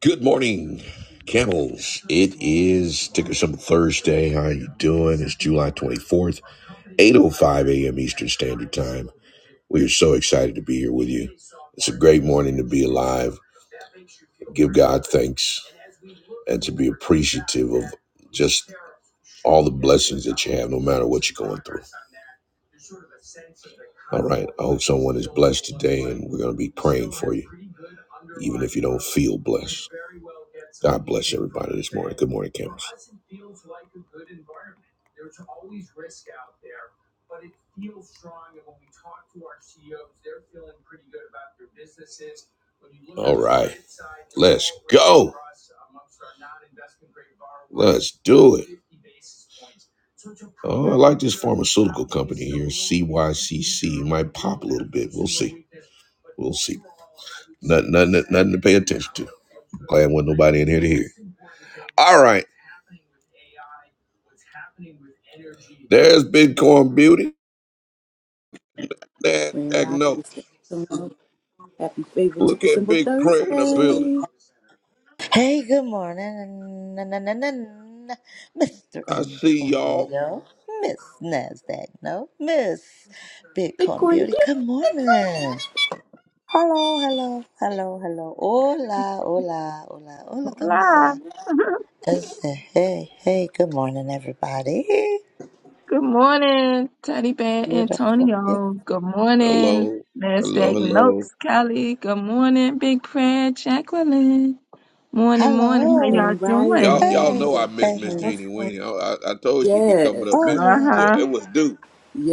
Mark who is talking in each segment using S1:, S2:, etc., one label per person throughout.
S1: Good morning, camels. It is ticker symbol Thursday. How you doing? It's July 24th, 8.05 a.m. Eastern Standard Time. We are so excited to be here with you. It's a great morning to be alive, give God thanks, and to be appreciative of just all the blessings that you have, no matter what you're going through. All right. I hope someone is blessed today, and we're going to be praying for you, even if you don't feel blessed. God bless everybody this morning. Good morning, campus. All right. Let's go. Let's do it. Oh, I like this pharmaceutical company here, CYCC. It might pop a little bit. We'll see. We'll see. Nothing, nothing, nothing to pay attention to. Glad wasn't nobody in here to hear. All right. There's Bitcoin Beauty.
S2: Grand
S1: NASDAQ
S2: Risings
S1: notes.
S2: to everyone. Happy Favorite
S1: Look
S2: Ticker
S1: at
S2: Symbol
S1: Big Prayer in the building.
S2: Thursday.
S3: Hey, good morning, na- na- na- na- na- Mr.
S1: I see y'all.
S3: Antonio, Miss Nasdaq, no, Miss Bitcoin
S2: Bitcoin
S3: Beauty.
S2: Beauty.
S3: Good morning. Hello, hello, hello, hello. Hola, hola, hola, hola,
S4: Nah.
S3: kamsa. Hey, hey, good morning, everybody.
S4: Good morning, Teddy Bear
S3: Beautiful.
S4: Antonio. Good morning,
S1: Hello. Hello,
S4: NASDAQ
S1: hello.
S4: Notes Kelly. Good morning, Big Prayer Jacqueline. Morning,
S3: Hello.
S4: morning. How y'all
S2: Grand
S1: Y'all
S4: doing?
S1: y'all
S3: Hey,
S1: know
S2: Rising.
S1: I miss
S3: hey,
S1: Miss
S3: hey.
S1: Jeannie
S2: Awesome.
S1: Weenie. I, I, I told she'd be
S2: Yes.
S1: coming up
S3: Oh
S4: Uh
S1: missing.
S3: yeah,
S1: It,
S4: huh.
S1: it was due.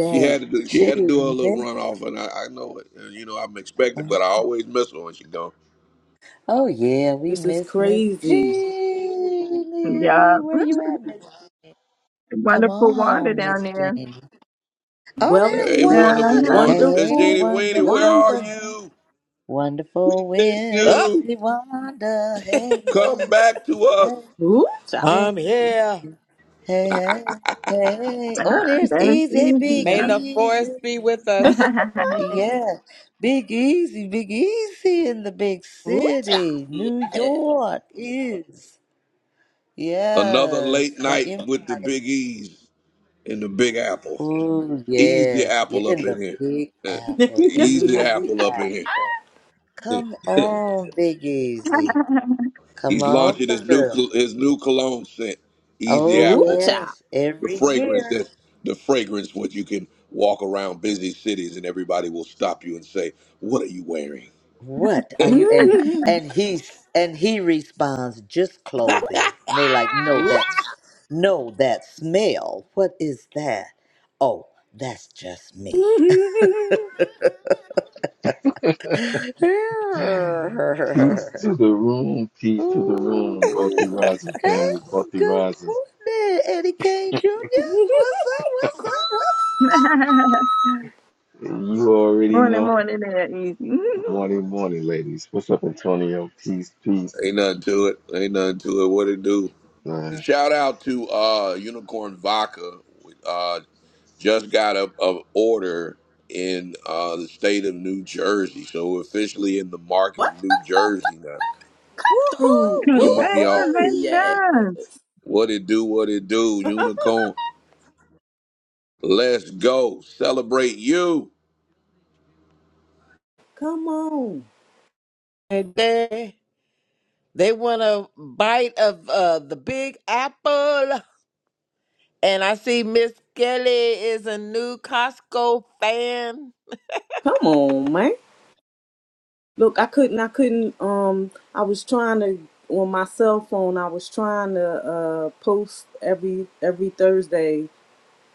S1: She had to do she
S3: she
S1: had to do her little
S3: missed.
S1: runoff and I, I know it. And, you know, I'm expecting, but I always miss her when she gone.
S3: Oh yeah, we
S2: This is
S3: miss Miss
S2: crazy.
S4: Yeah.
S3: Jeannie. Where you at, Miss? Come
S4: Wonderful
S3: on
S4: Wanda
S3: home, Miss
S4: down there.
S3: Jeannie. Oh, there's
S1: Hey
S2: Wealthy,
S4: Uh
S3: one.
S1: wonderful
S4: huh.
S1: Wanda. Miss
S3: Hey,
S2: wonderful,
S1: Jeannie Weenie, where are
S2: Wanda.
S3: wonderful,
S1: you? We
S3: wonderful
S1: miss
S5: Up,
S1: you.
S3: Wednesday wonder. Hey, hey,
S1: Come back to us.
S3: hey,
S2: Ooh, child.
S3: Jeannie.
S5: I'm here.
S3: Hey, hey, hey.
S4: Ah,
S3: Oh, there's
S4: That's
S3: Easy. Hey,
S4: it.
S3: Big
S5: May
S4: Yeah.
S5: the forest
S3: Easy.
S5: be with us
S3: Yeah, Big Easy, Big Easy in the big
S2: Ooh, child.
S3: city. New
S2: Yes.
S3: York is.
S1: Another
S3: Yes,
S1: late night
S3: the
S1: with the big E's. in the Big Apple.
S3: Oh
S1: Easy
S3: yes, you're
S1: Apple up
S3: in the
S1: in here.
S3: Big
S1: Uh,
S3: Apple.
S1: Easy
S3: Easy
S1: Apple up
S3: out.
S1: in here.
S3: Come on, Big Easy. Come
S1: He's
S3: on
S1: launching his new
S3: through.
S1: col- his new cologne scent, Easy
S3: Oh
S2: Ooh,
S1: Apple.
S2: child.
S3: yes,
S2: Ooh.
S1: The
S3: every
S1: fragrance
S3: year.
S1: that the fragrance what you can walk around busy cities and everybody will stop you and say, "What are you wearing?"
S3: What are you and
S2: child.
S3: and he's and he responds just clothing. And they like, no, that's no, that smell. What is that? Oh, that's just me.
S6: Peace to the room, peace to the room, wealthy
S3: Ooh.
S6: rising
S3: Hey,
S6: family, wealthy
S3: good
S6: rising.
S3: morning, Eddie Kane Jr. What's up? What's up?
S6: And You already
S4: morning,
S6: know.
S4: morning there, Easy.
S6: Morning, morning, ladies. What's up, Antonio? Peace, peace.
S1: Ain't nothing to it. Ain't nothing to it. What it do?
S6: Man,
S1: Shout out to uh, Unicorn Vodka. Uh, just got a, a order in uh, the state of New Jersey, so we're officially in the market of
S2: What?
S1: New Jersey now.
S3: What's
S2: Through
S3: Woohoo!
S1: Come on, y'all!
S2: unicorn? Yes.
S3: Wee!
S4: Congratulations.
S1: What it do? What it do? Unicorn, let's go celebrate you
S2: Come on.
S5: today. They want a bite of uh, the big apple. And I see Miss Kelly is a new Costco fan.
S2: Come on, man. Look, I couldn't. I couldn't. Um, I was trying to on my cell phone. I was trying to uh post every every Thursday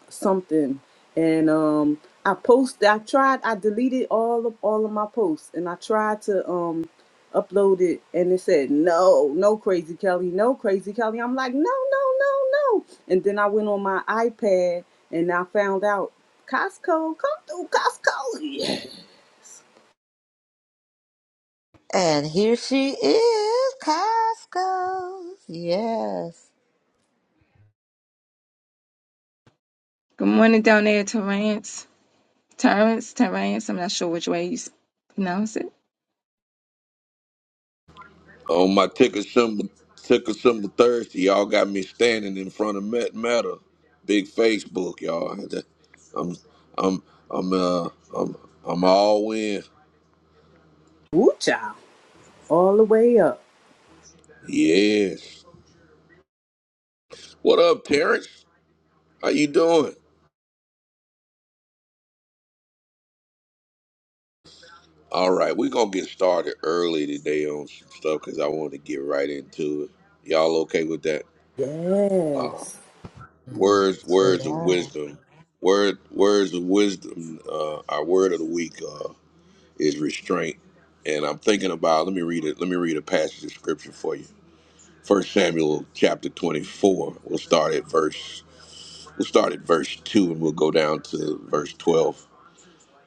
S2: something, and um, I posted. I tried. I deleted all of all of my posts, and I tried to um upload it, and it said no, no, crazy Kelly, no, crazy Kelly. I'm like no, no, no, no, and then I went on my iPad and I found out Costco. Come through Costco. Yeah.
S3: And here she is, Costco. Yes.
S4: Good morning down there, Terrence. Terrence, Terrence, I'm not sure which way you s- pronounce it.
S1: on my ticker symbol. Ticker symbol Thursday, y'all got me standing in front of Met Meta, big Facebook, y'all. I'm, I'm, I'm, uh, I'm, I'm all in.
S2: Woo child. all the way up.
S1: Yes. What up, Terrence? How you doing? All right, we're gonna get started early today on some stuff because I want to get right into it. Y'all okay with that? Uh,
S2: Yes.
S3: Yes,
S1: words,
S3: we
S1: words of
S3: are.
S1: wisdom. Word, words of wisdom. Uh, our word of the week uh, is restraint, and I'm thinking about. Let me read it. Let me read a passage of scripture for you. First Samuel chapter 24. We'll start at verse. We'll start at verse two, and we'll go down to verse 12.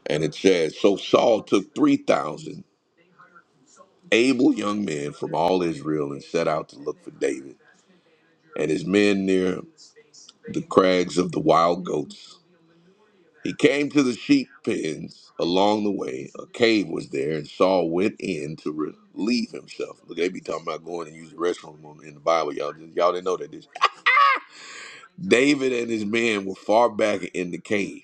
S1: And it says, So Saul took 3,000 able young men from all Israel and set out to look for David and his men near the crags of the wild goats. He came to the sheep pens along the way. A cave was there, and Saul went in to relieve himself. Look, they be talking about going and use the restroom on- in the Bible. Y'all, y'all didn't know that. This. David and his men were far back in the cave.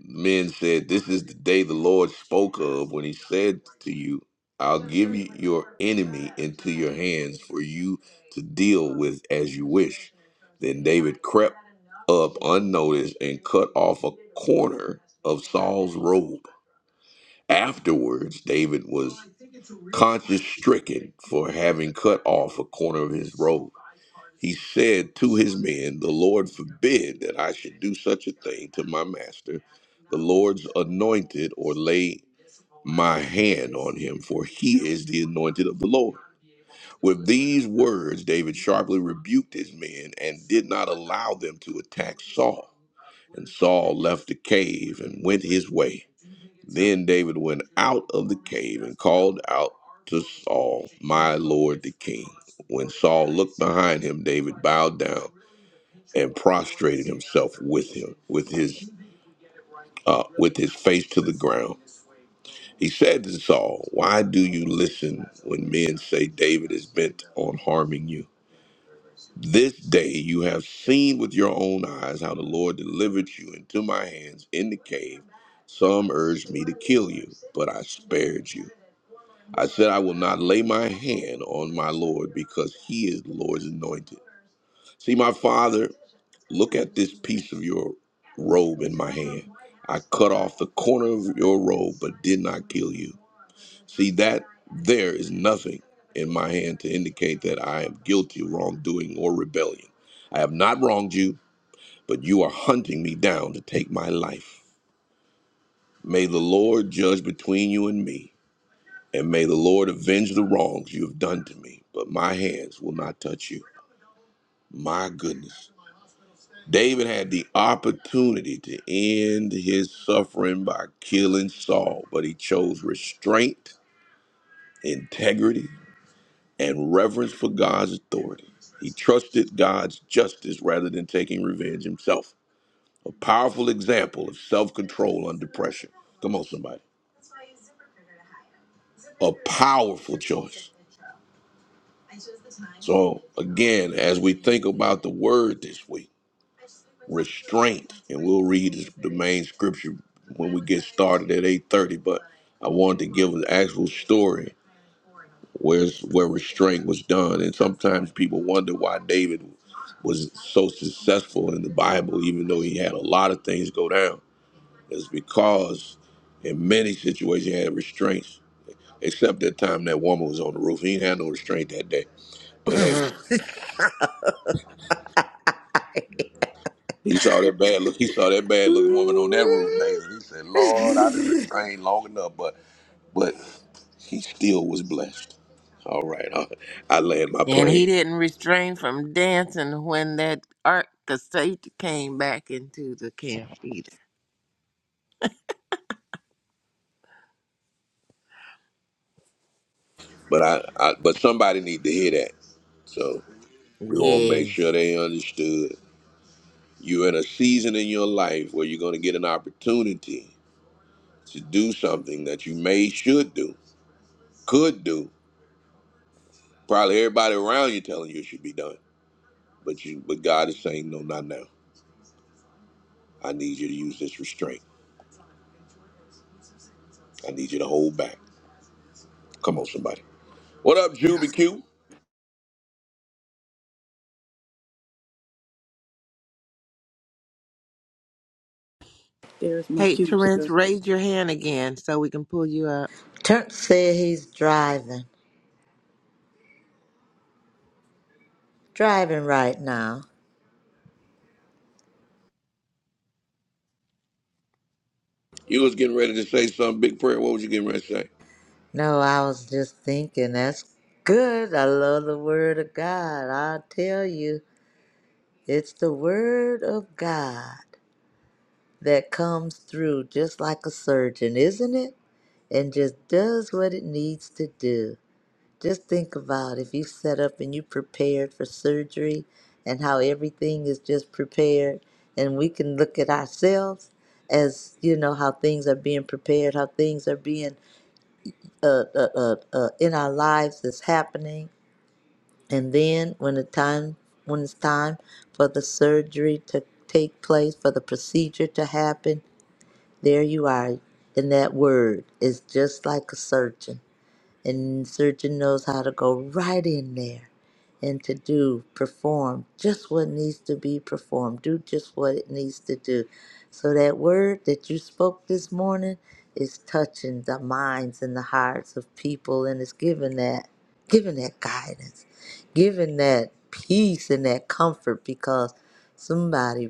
S1: Men said, This is the day the Lord spoke of when he said to you, I'll give you your enemy into your hands for you to deal with as you wish. Then David crept up unnoticed and cut off a corner of Saul's robe. Afterwards, David was conscience stricken for having cut off a corner of his robe. He said to his men, The Lord forbid that I should do such a thing to my master, the Lord's anointed, or lay my hand on him, for he is the anointed of the Lord. With these words, David sharply rebuked his men and did not allow them to attack Saul. And Saul left the cave and went his way. Then David went out of the cave and called out to Saul, My Lord the king. When Saul looked behind him, David bowed down and prostrated himself with him, with his uh, with his face to the ground. He said to Saul, "Why do you listen when men say David is bent on harming you? This day you have seen with your own eyes how the Lord delivered you into my hands in the cave. Some urged me to kill you, but I spared you. I said I will not lay my hand on my Lord because he is the Lord's anointed." See, my father. Look at this piece of your robe in my hand. I cut off the corner of your robe, but did not kill you. See, that there is nothing in my hand to indicate that I am guilty of wrongdoing or rebellion. I have not wronged you, but you are hunting me down to take my life. May the Lord judge between you and me, and may the Lord avenge the wrongs you have done to me, but my hands will not touch you. My goodness. David had the opportunity to end his suffering by killing Saul, but he chose restraint, integrity, and reverence for God's authority. He trusted God's justice rather than taking revenge himself. A powerful example of self control under pressure. Come on, somebody. A powerful choice. So, again, as we think about the word this week, restraint, and we'll read this- the main scripture when we get started at 8.30, but I wanted to give an actual story where where restraint was done. And sometimes people wonder why David was so successful in the Bible, even though he had a lot of things go down. It's because in many situations he had restraints, except that time that woman was on the roof. He didn't have no restraint that day. But hey, He saw that bad look. He saw that bad looking woman on that roof, Nathan.
S3: Ooh-wee.
S1: He said, "Lord, I didn't restrain long enough, but but he still was blessed." All right, I, I land my
S5: And he
S1: plane,
S5: didn't restrain from dancing when that art cassette came back into the camp either.
S1: but I, I but somebody need to hear that. So we want to make sure
S5: Yes.
S1: they understood. You're in a season in your life where you're going to get an opportunity to do something that you may should do, could do. Probably everybody around you telling you it should be done, but you but God is saying no, not now. I need you to use this restraint. I need you to hold back. Come on, somebody. What up, Juby Q?
S2: There's my
S5: Hey, Terrence,
S2: cubester.
S5: raise your hand again so we can pull you up.
S3: Turk said he's driving. Driving right now.
S1: You was getting ready to say some big prayer. What was you getting ready to say?
S3: No, I was just thinking that's good. I love the word of God. I'll tell you. It's the word of God that comes through just like a surgeon, isn't it? And just does what it needs to do. Just think about if you set up and you prepared for surgery and how everything is just prepared and we can look at ourselves as you know how things are being prepared, how things are being uh, uh, uh, uh, in our lives is happening And then when the time when it's time for the surgery to take place, for the procedure to happen, there you are. And that word is just like a surgeon and surgeon knows how to go right in there and to do perform just what needs to be performed do just what it needs to do so that word that you spoke this morning is touching the minds and the hearts of people and it's giving that giving that guidance giving that peace and that comfort because somebody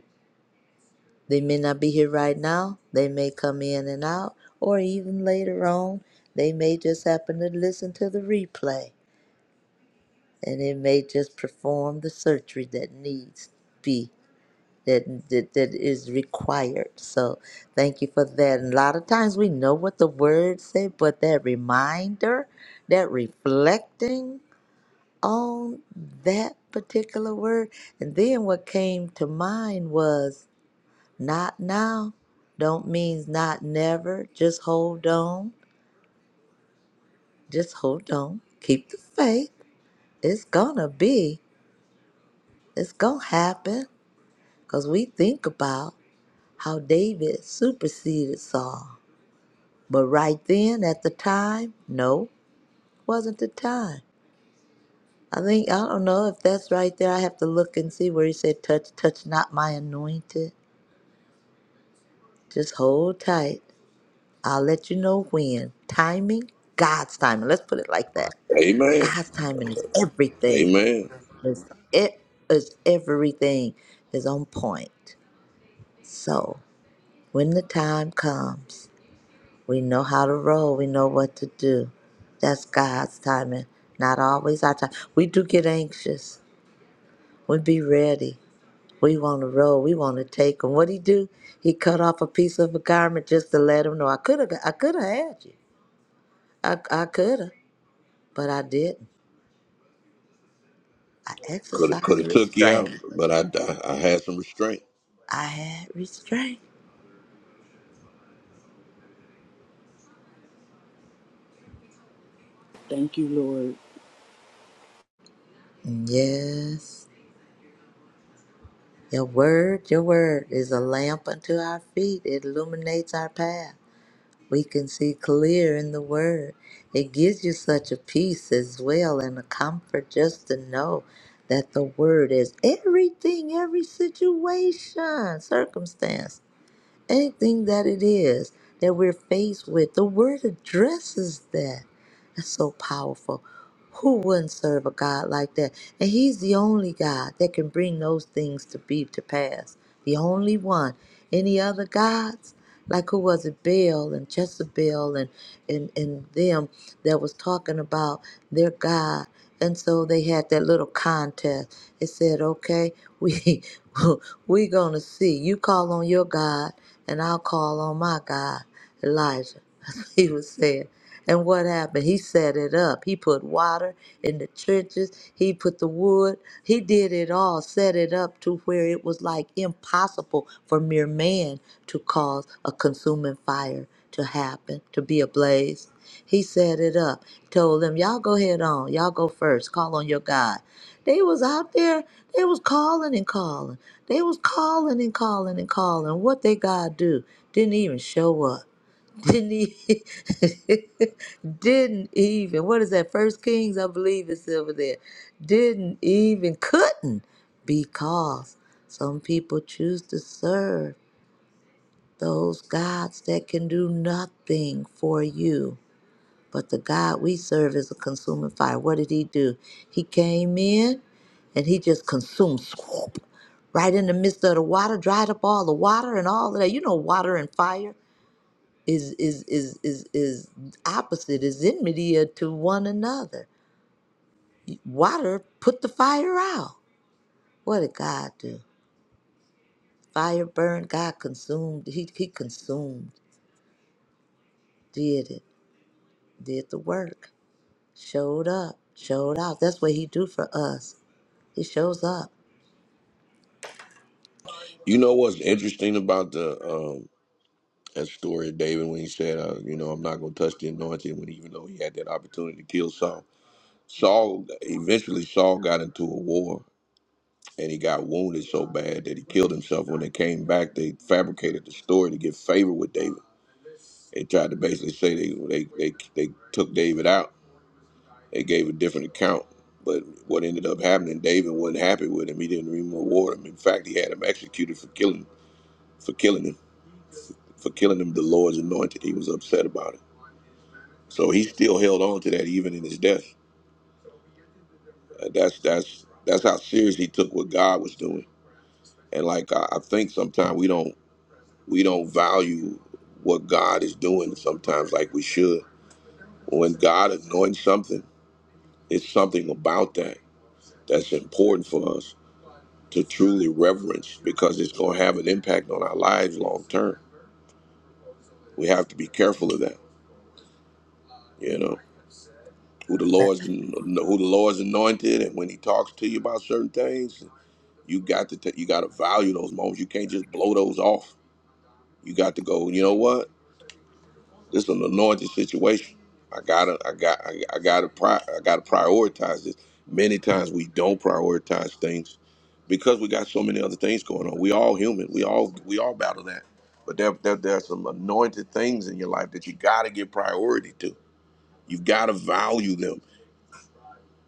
S3: they may not be here right now. They may come in and out, or even later on, they may just happen to listen to the replay, and it may just perform the surgery that needs be that that, that is required. So, thank you for that. And a lot of times we know what the words say, but that reminder, that reflecting on that particular word, and then what came to mind was. Not now. Don't means not never. Just hold on. Just hold on. Keep the faith. It's gonna be. It's gonna happen. Cause we think about how David superseded Saul. But right then at the time, no, wasn't the time. I think I don't know if that's right there. I have to look and see where he said touch, touch not my anointed. Just hold tight. I'll let you know when. Timing, God's timing. Let's put it like that.
S1: Amen.
S3: God's timing is everything.
S1: Amen.
S3: It's, it is everything is on point. So when the time comes, we know how to roll. We know what to do. That's God's timing, not always our time. We do get anxious. We be ready. We want to roll. We want to take him. What he do? He cut off a piece of a garment just to let him know I could have. I could have had you. I I could have, but I didn't. I
S1: Could have could
S3: exercised
S1: have took you out,
S3: restraint.
S1: but I, I I had some restraint.
S3: I had restraint.
S2: Thank you, Lord.
S3: Yes. Your word, your word is a lamp unto our feet. It illuminates our path. We can see clear in the word. It gives you such a peace as well and a comfort just to know that the word is everything, every situation, circumstance, anything that it is that we're faced with. The word addresses that. That's so powerful. Who wouldn't serve a God like that? And He's the only God that can bring those things to be to pass. The only one. Any other gods? Like who was it? Baal and Jezebel and, and, and them that was talking about their God. And so they had that little contest. It said, okay, we we gonna see. You call on your God and I'll call on my God, Elijah. He was saying. And what happened? He set it up. He put water in the trenches. He put the wood. He did it all, set it up to where it was like impossible for mere man to cause a consuming fire to happen, to be ablaze. He set it up, told them, Y'all go ahead on, y'all go first, call on your God. They was out there, they was calling and calling. They was calling and calling and calling. What they God do? Didn't even show up. Didn't e didn't even, what is that, First Kings, I believe it's over there. Didn't even, couldn't, because some people choose to serve those gods that can do nothing for you. But the God we serve is a consuming fire. What did he do? He came in and he just consumed swoop right in the midst of the water, dried up all the water and all of that. You know, water and fire is is is is is opposite is enmity to one another. Water put the fire out. What did God do? Fire burned. God consumed. He he consumed. Did it. Did the work. Showed up. Showed out. That's what he do for us. He shows up.
S1: You know what's interesting about the um that story of David when he said, uh, you know, I'm not gonna touch the anointing when even though he had that opportunity to kill Saul. Saul eventually Saul got into a war and he got wounded so bad that he killed himself. When they came back, they fabricated the story to get favor with David They tried to basically say they they they, they took David out. They gave a different account. But what ended up happening, David wasn't happy with him. He didn't even reward him. In fact, he had him executed for killing for killing him for killing him. The Lord's anointed. He was upset about it. So he still held on to that even in his death. Uh, that's that's that's how serious he took what God was doing. And like I, I think sometimes we don't we don't value what God is doing sometimes like we should. When God anoints something, it's something about that that's important for us to truly reverence because it's going to have an impact on our lives long term. We have to be careful of that, you know. Who the Lord's who the Lord's anointed, and when He talks to you about certain things, you got to ta- you got to value those moments. You can't just blow those off. You got to go. You know what? This is an anointed situation. I gotta, I got, I, I gotta, pri- I gotta prioritize this. Many times we don't prioritize things because we got so many other things going on. We all human. We all, we all battle that. But there, there, there are some anointed things in your life that you gotta give priority to. You gotta value them.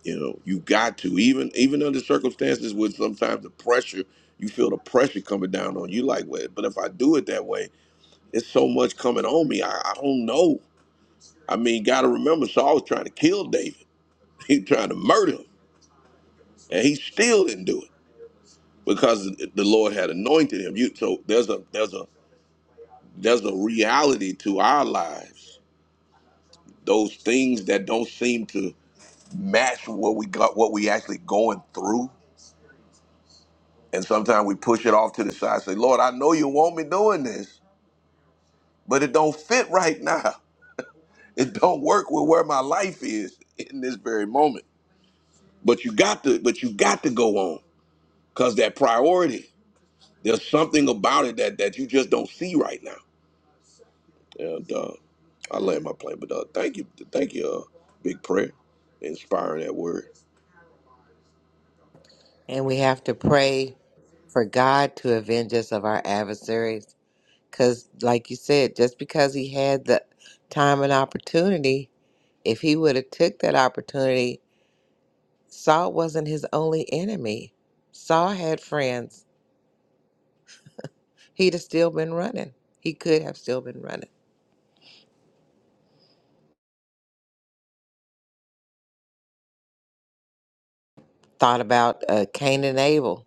S1: You know, you got to even, even under circumstances with sometimes the pressure. You feel the pressure coming down on you, like, well, but if I do it that way, it's so much coming on me. I, I don't know. I mean, got to remember, Saul was trying to kill David. He was trying to murder him, and he still didn't do it because the Lord had anointed him. You, so there's a there's a there's a reality to our lives. Those things that don't seem to match what we got, what we actually going through, and sometimes we push it off to the side. Say, Lord, I know you want me doing this, but it don't fit right now. It don't work with where my life is in this very moment. But you got to, but you got to go on because that priority. There's something about it that that you just don't see right now. And uh, I land my plane, but uh, thank you, thank you, uh, big prayer, inspiring that word.
S5: And we have to pray for God to avenge us of our adversaries. Because, like you said, just because he had the time and opportunity, if he would have took that opportunity, Saul wasn't his only enemy. Saul had friends. He'd have still been running. He could have still been running. Thought about uh, Cain and Abel.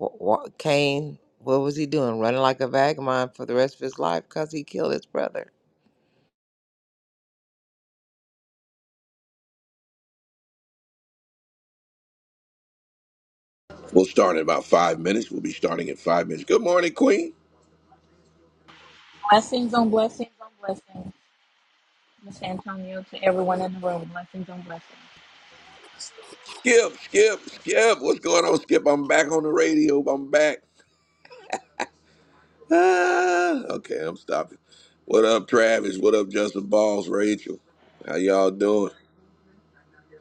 S5: Wh- wh- Cain, what was he doing? Running like a vagabond for the rest of his life because he killed his brother.
S1: We'll start in about five minutes. We'll be starting in five minutes. Good morning, Queen.
S7: Blessings on blessings on blessings, Miss Antonio, to everyone in the room. Blessings on blessings.
S1: Skip, Skip, Skip. What's going on, Skip? I'm back on the radio. I'm back. Ah, okay, I'm stopping. What up, Travis? What up, Justin Balls? Rachel, how y'all doing?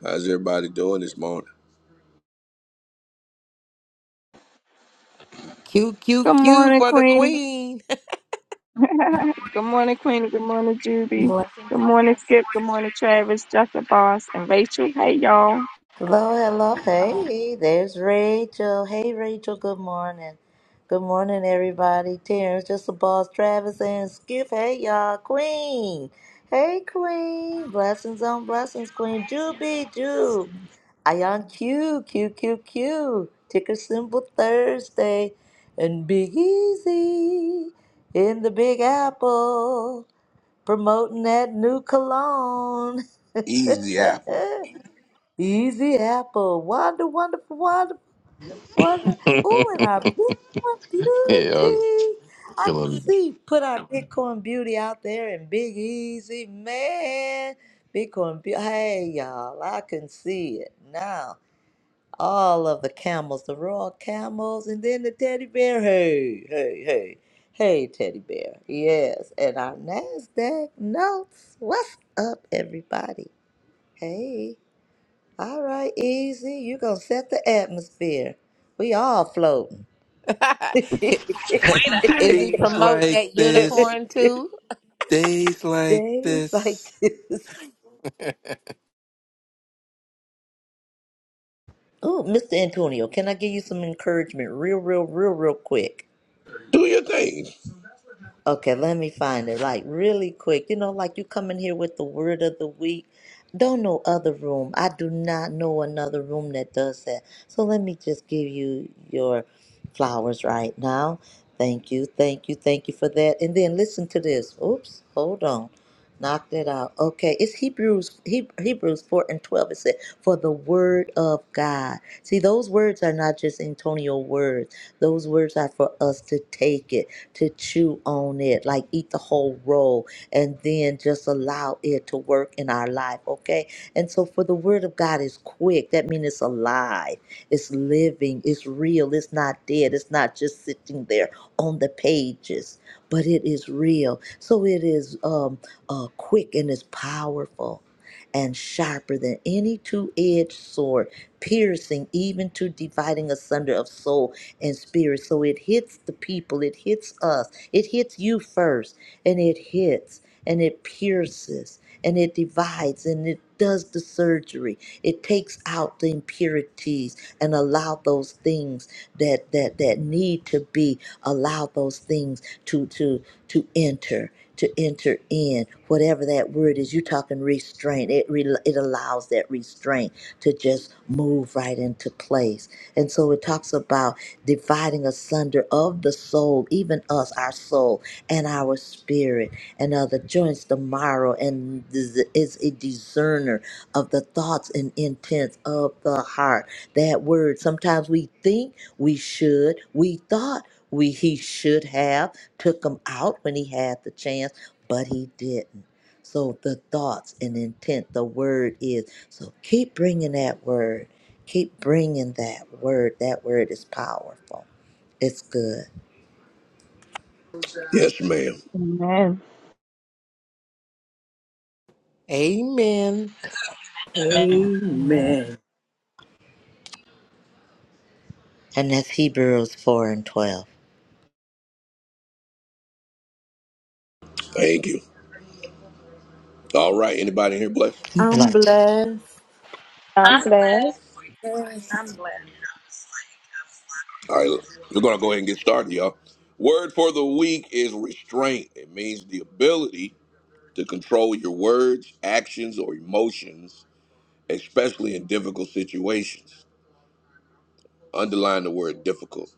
S1: How's everybody doing this morning?
S5: Q, Q,
S4: Good
S5: Q
S4: morning,
S5: for the
S4: Queenie.
S5: queen.
S4: Good morning, Queenie. Good morning, Juby.
S7: Blessings
S4: Good morning, Skip. Good morning, Travis, Dr. Boss, and Rachel. Hey, y'all.
S3: Hello, hello. Hey, there's Rachel. Hey, Rachel. Good morning. Good morning, everybody. Terrence, just the boss, Travis, and Skip. Hey, y'all. Queen. Hey, Queen. Blessings on blessings, Queen.
S7: on
S3: Juby, Ju.
S7: blessings.
S3: I on Q, Q, Q, Q. Ticker symbol Thursday. And Big Easy in the Big Apple. Promoting that new cologne.
S1: Easy Apple.
S3: Easy Apple. Wonder, wonderful, wonderful. Wonder, ooh, and our Bitcoin
S6: Yeah, I'm
S3: beauty. I can
S6: killing.
S3: see put our Bitcoin beauty out there and Big Easy, man. Bitcoin beauty. Hey, y'all, I can see it now. All of the camels, the royal camels, and then the teddy bear. Hey, hey, hey, hey, teddy bear. Yes, and our NASDAQ notes. What's up, everybody? Hey, all right, easy. you going to set the atmosphere. We all floating.
S7: Way to hype
S5: Is
S7: us
S5: he
S6: it. days
S5: promoting
S6: like
S5: that
S6: this,
S5: unicorn too?
S6: days like
S3: Days like
S6: this.
S3: this. Oh, Mr. Antonio, can I give you some encouragement real, real, real, real quick?
S1: Do your thing.
S3: Okay, let me find it like really quick. You know, like you come in here with the word of the week. Don't know other room. I do not know another room that does that. So let me just give you your flowers right now. Thank you, thank you, thank you for that. And then listen to this. Oops, hold on. Knocked it out. Okay, it's Hebrews Heb- Hebrews 4 and 12. It said, For the word of God. See, those words are not just Antonio words. Those words are for us to take it to chew on it, like eat the whole roll and then just allow it to work in our life, okay? And so for the word of God is quick, that means it's alive, it's living, it's real, it's not dead, it's not just sitting there on the pages, but it is real. So it is um, uh, quick and it's powerful and sharper than any two edged sword, piercing even to dividing asunder of soul and spirit. So it hits the people, it hits us, it hits you first, and it hits and it pierces and it divides and it does the surgery. It takes out the impurities and allow those things that that that need to be allow those things to to to enter to enter in whatever that word is you're talking restraint it re- it allows that restraint to just move right into place and so it talks about dividing asunder of the soul even us our soul and our spirit and other joints the marrow and dis- is a discerner of the thoughts and intents of the heart that word sometimes we think we should we thought we he should have took him out when he had the chance, but he didn't. So the thoughts and intent, the word is. So keep bringing that word. Keep bringing that word. That word is powerful. It's good.
S1: Yes, ma'am.
S4: Amen.
S5: Amen.
S7: up. Amen.
S2: Amen.
S3: And that's Hebrews 4 and 12.
S1: Thank you. All right. Anybody in here blessed?
S2: I'm
S3: Bless.
S2: blessed.
S4: I'm
S7: I'm
S4: glad.
S7: blessed. I'm blessed.
S1: All right. We're going to go ahead and get started, y'all. Word for the week is restraint. It means the ability to control your words, actions, or emotions, especially in difficult situations. Underline the word difficult.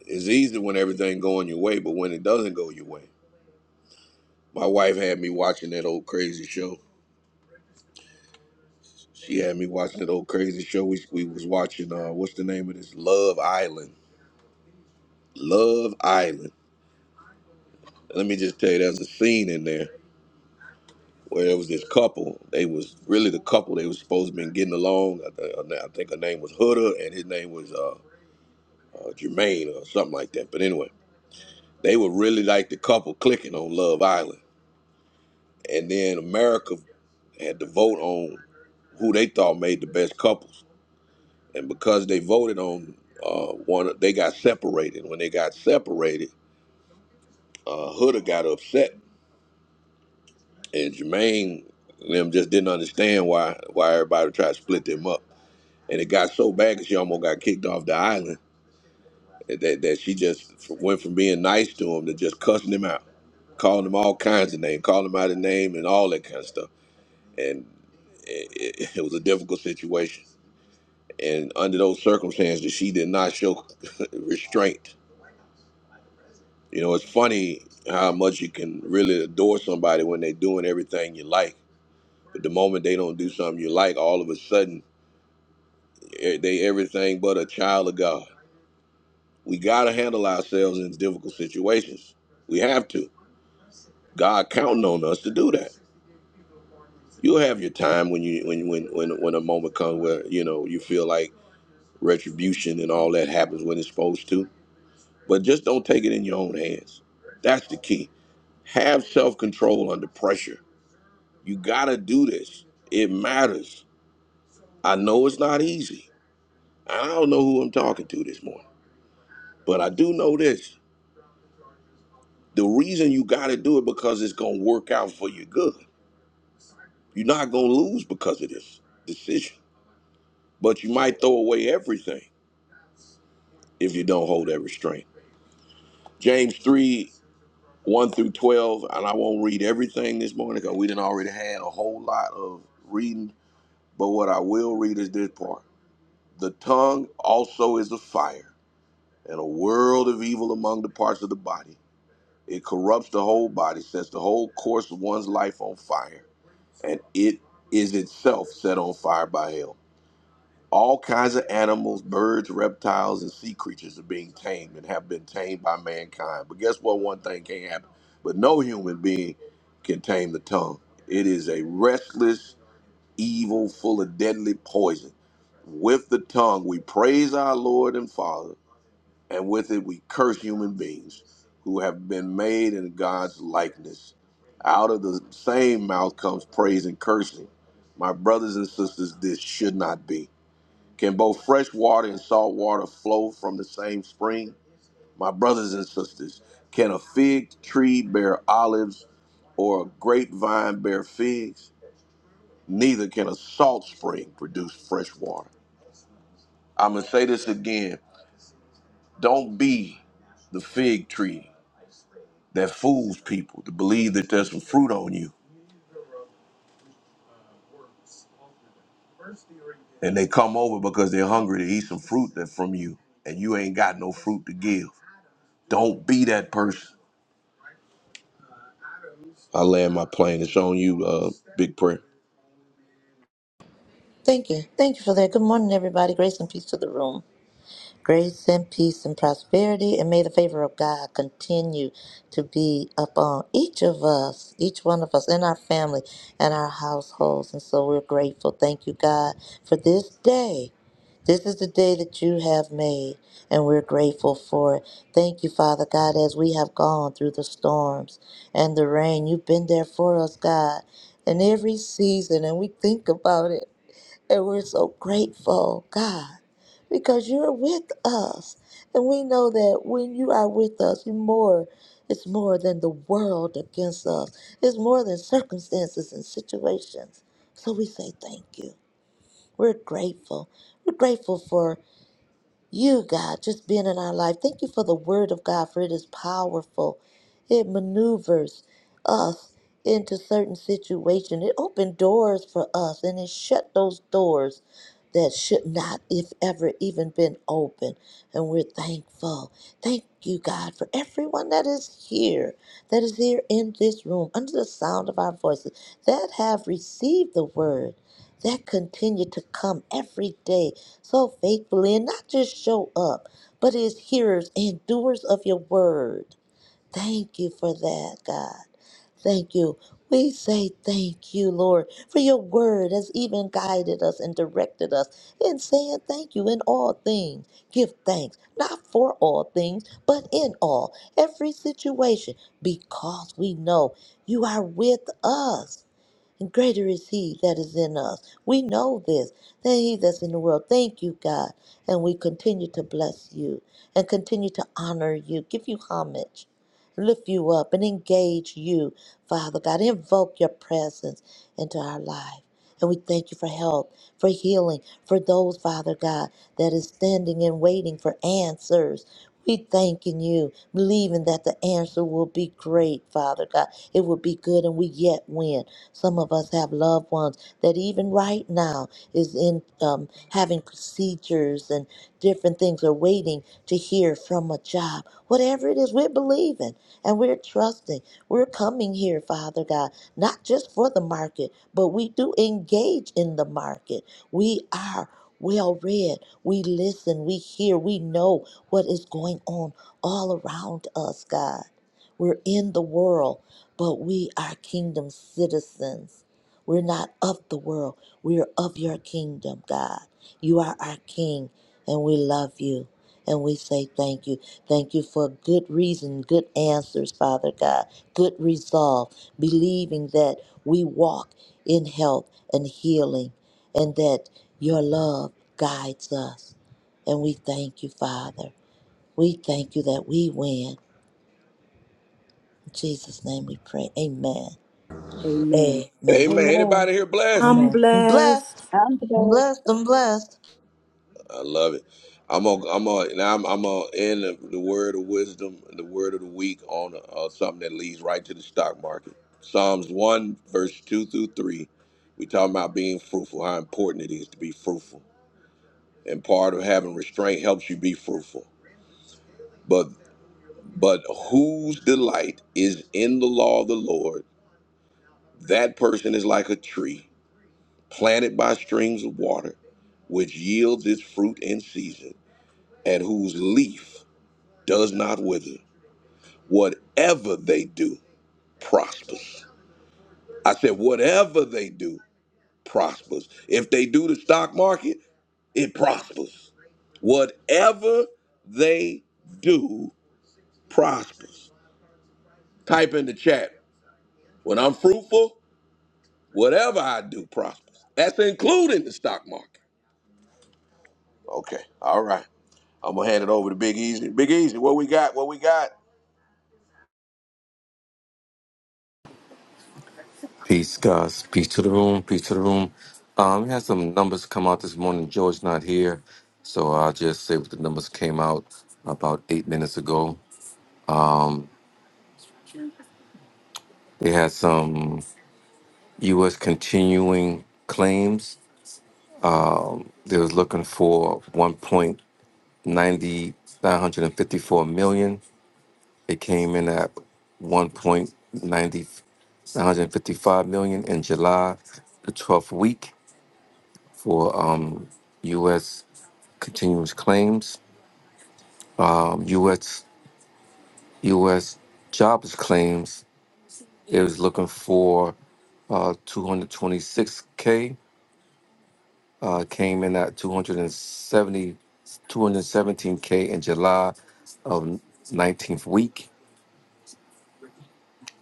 S1: It's easy when everything going your way, but when it doesn't go your way. My wife had me watching that old crazy show. She had me watching that old crazy show. We, we was watching, uh, what's the name of this? Love Island. Love Island. Let me just tell you, there's a scene in there where it was this couple. They was really the couple they was supposed to been getting along. I, th- I think her name was Huda and his name was uh, uh, Jermaine or something like that. But anyway, they were really like the couple clicking on Love Island. And then America had to vote on who they thought made the best couples. And because they voted on uh, one, they got separated. When they got separated, uh, Huda got upset, and Jermaine and them just didn't understand why why everybody tried to split them up. and it got so bad that she almost got kicked off the island that, that she just went from being nice to him to just cussing him out calling him all kinds of names calling him out of name and all that kind of stuff and it, it, it was a difficult situation and under those circumstances she did not show restraint you know it's funny how much you can really adore somebody when they're doing everything you like but the moment they don't do something you like all of a sudden eh, they everything but a child of god We got to handle ourselves in difficult situations. We have to. God counting on us to do that. You'll have your time when you when when when when a moment comes where you know you feel like retribution and all that happens when it's supposed to. But just don't take it in your own hands. That's the key. Have self control under pressure. You gotta do this. It matters. I know it's not easy. I don't know who I'm talking to this morning, but I do know this. The reason you gotta do it because it's gonna work out for your good You're not going to lose because of this decision, but you might throw away everything if you don't hold that restraint. James 3 1 through 12, and I won't read everything this morning because we didn't already had a whole lot of reading, but what I will read is this part. The tongue also is a fire and a world of evil among the parts of the body. It corrupts the whole body, sets the whole course of one's life on fire, and it is itself set on fire by hell. all kinds of animals, birds, reptiles, and sea creatures are being tamed and have been tamed by mankind. But guess what? One thing can't happen. But no human being can tame the tongue. It is a restless evil full of deadly poison. With the tongue, we praise our Lord and Father, and with it, we curse human beings who have been made in God's likeness. Out of the same mouth comes praise and cursing. My brothers and sisters, this should not be. Can both fresh water and salt water flow from the same spring? My brothers and sisters, can a fig tree bear olives or a grapevine bear figs? Neither can a salt spring produce fresh water. I'm going to say this again. Don't be the fig tree that fools people to believe that there's some fruit on you. And they come over because they're hungry to eat some fruit that from you. And you ain't got no fruit to give. Don't be that person I land my plane. It's on you, uh, big prayer.
S3: Thank you. Thank you for that. Good morning, everybody. Grace and peace to the room. Grace and peace and prosperity, and may the favor of God continue to be upon each of us, each one of us, and our family and our households. And so we're grateful. Thank you, God, for this day. This is the day that you have made, and we're grateful for it. Thank you, Father God, as we have gone through the storms and the rain. You've been there for us, God, in every season, and we think about it. And we're so grateful, God, because you're with us. And we know that when you are with us, you more it's more than the world against us. It's more than circumstances and situations. So we say thank you. We're grateful. We're grateful for you, God, just being in our life. Thank you for the word of God, for it is powerful. It maneuvers us into certain situations. It opened doors for us and it shut those doors that should not, if ever, even been open. And we're thankful. Thank you, God, for everyone that is here, that is here in this room, under the sound of our voices, that have received the word, that continue to come every day so faithfully and not just show up, but as hearers and doers of your word. Thank you for that, God. Thank you. We say thank you, Lord, for your word has even guided us and directed us in saying thank you in all things. Give thanks, not for all things, but in all, every situation, because we know you are with us. And greater is he that is in us. We know this than he that's in the world. Thank you, God. And we continue to bless you and continue to honor you, give you homage, lift you up, and engage you, Father God. Invoke your presence into our life. And we thank you for help, for healing, for those, Father God, that is standing and waiting for answers. We thanking you, believing that the answer will be great, Father God. It will be good and we yet win. Some of us have loved ones that even right now is in um, having procedures and different things are waiting to hear from a job. Whatever it is, we're believing and we're trusting. We're coming here, Father God, not just for the market, but we do engage in the market. We are well read. We listen, we hear, we know what is going on all around us, God. We're in the world but we are kingdom citizens. We're not of the world. We are of your kingdom, God. You are our King, and we love you. And we say thank you. Thank you for good reason, good answers, Father God, good resolve, believing that we walk in health and healing, and that your love guides us. And we thank you, Father. We thank you that we win. In Jesus' name we pray. Amen.
S2: Amen.
S3: Amen.
S1: Amen.
S4: Amen.
S1: anybody here blessed?
S2: I'm
S3: Amen. I'm
S2: blessed.
S3: blessed.
S4: I'm
S3: I'm
S4: glad.
S3: blessed. I'm blessed.
S1: I love it. I'm gonna, I'm gonna, now I'm, I'm gonna end the, the word of wisdom, the word of the week on uh, something that leads right to the stock market. Psalms one, verse two through three. We talking about being fruitful, how important it is to be fruitful, and part of having restraint helps you be fruitful. But, but whose delight is in the law of the Lord? That person is like a tree planted by streams of water, which yields its fruit in season, and whose leaf does not wither. Whatever they do prospers. I said, whatever they do prospers. If they do the stock market, it prospers. Whatever they do prospers. Type in the chat. When I'm fruitful, whatever I do prospers. That's including the stock market. Okay. All right. I'm gonna hand it over to Big Easy. Big Easy, what we got? What we got?
S6: Peace, guys. Peace to the room. Peace to the room. Um, we had some numbers come out this morning. George not here, so I'll just say what the numbers came out about eight minutes ago. They had some U.S. continuing claims. They was looking for one point ninety nine hundred and fifty four million. It came in at one point ninety nine hundred and fifty five million in July, the 12th week for um, U.S. continuous claims, um, U.S. U.S. jobs claims. It was looking for uh, 226k. uh, came in at two hundred and seventy, two hundred seventeen k in July of 19th week.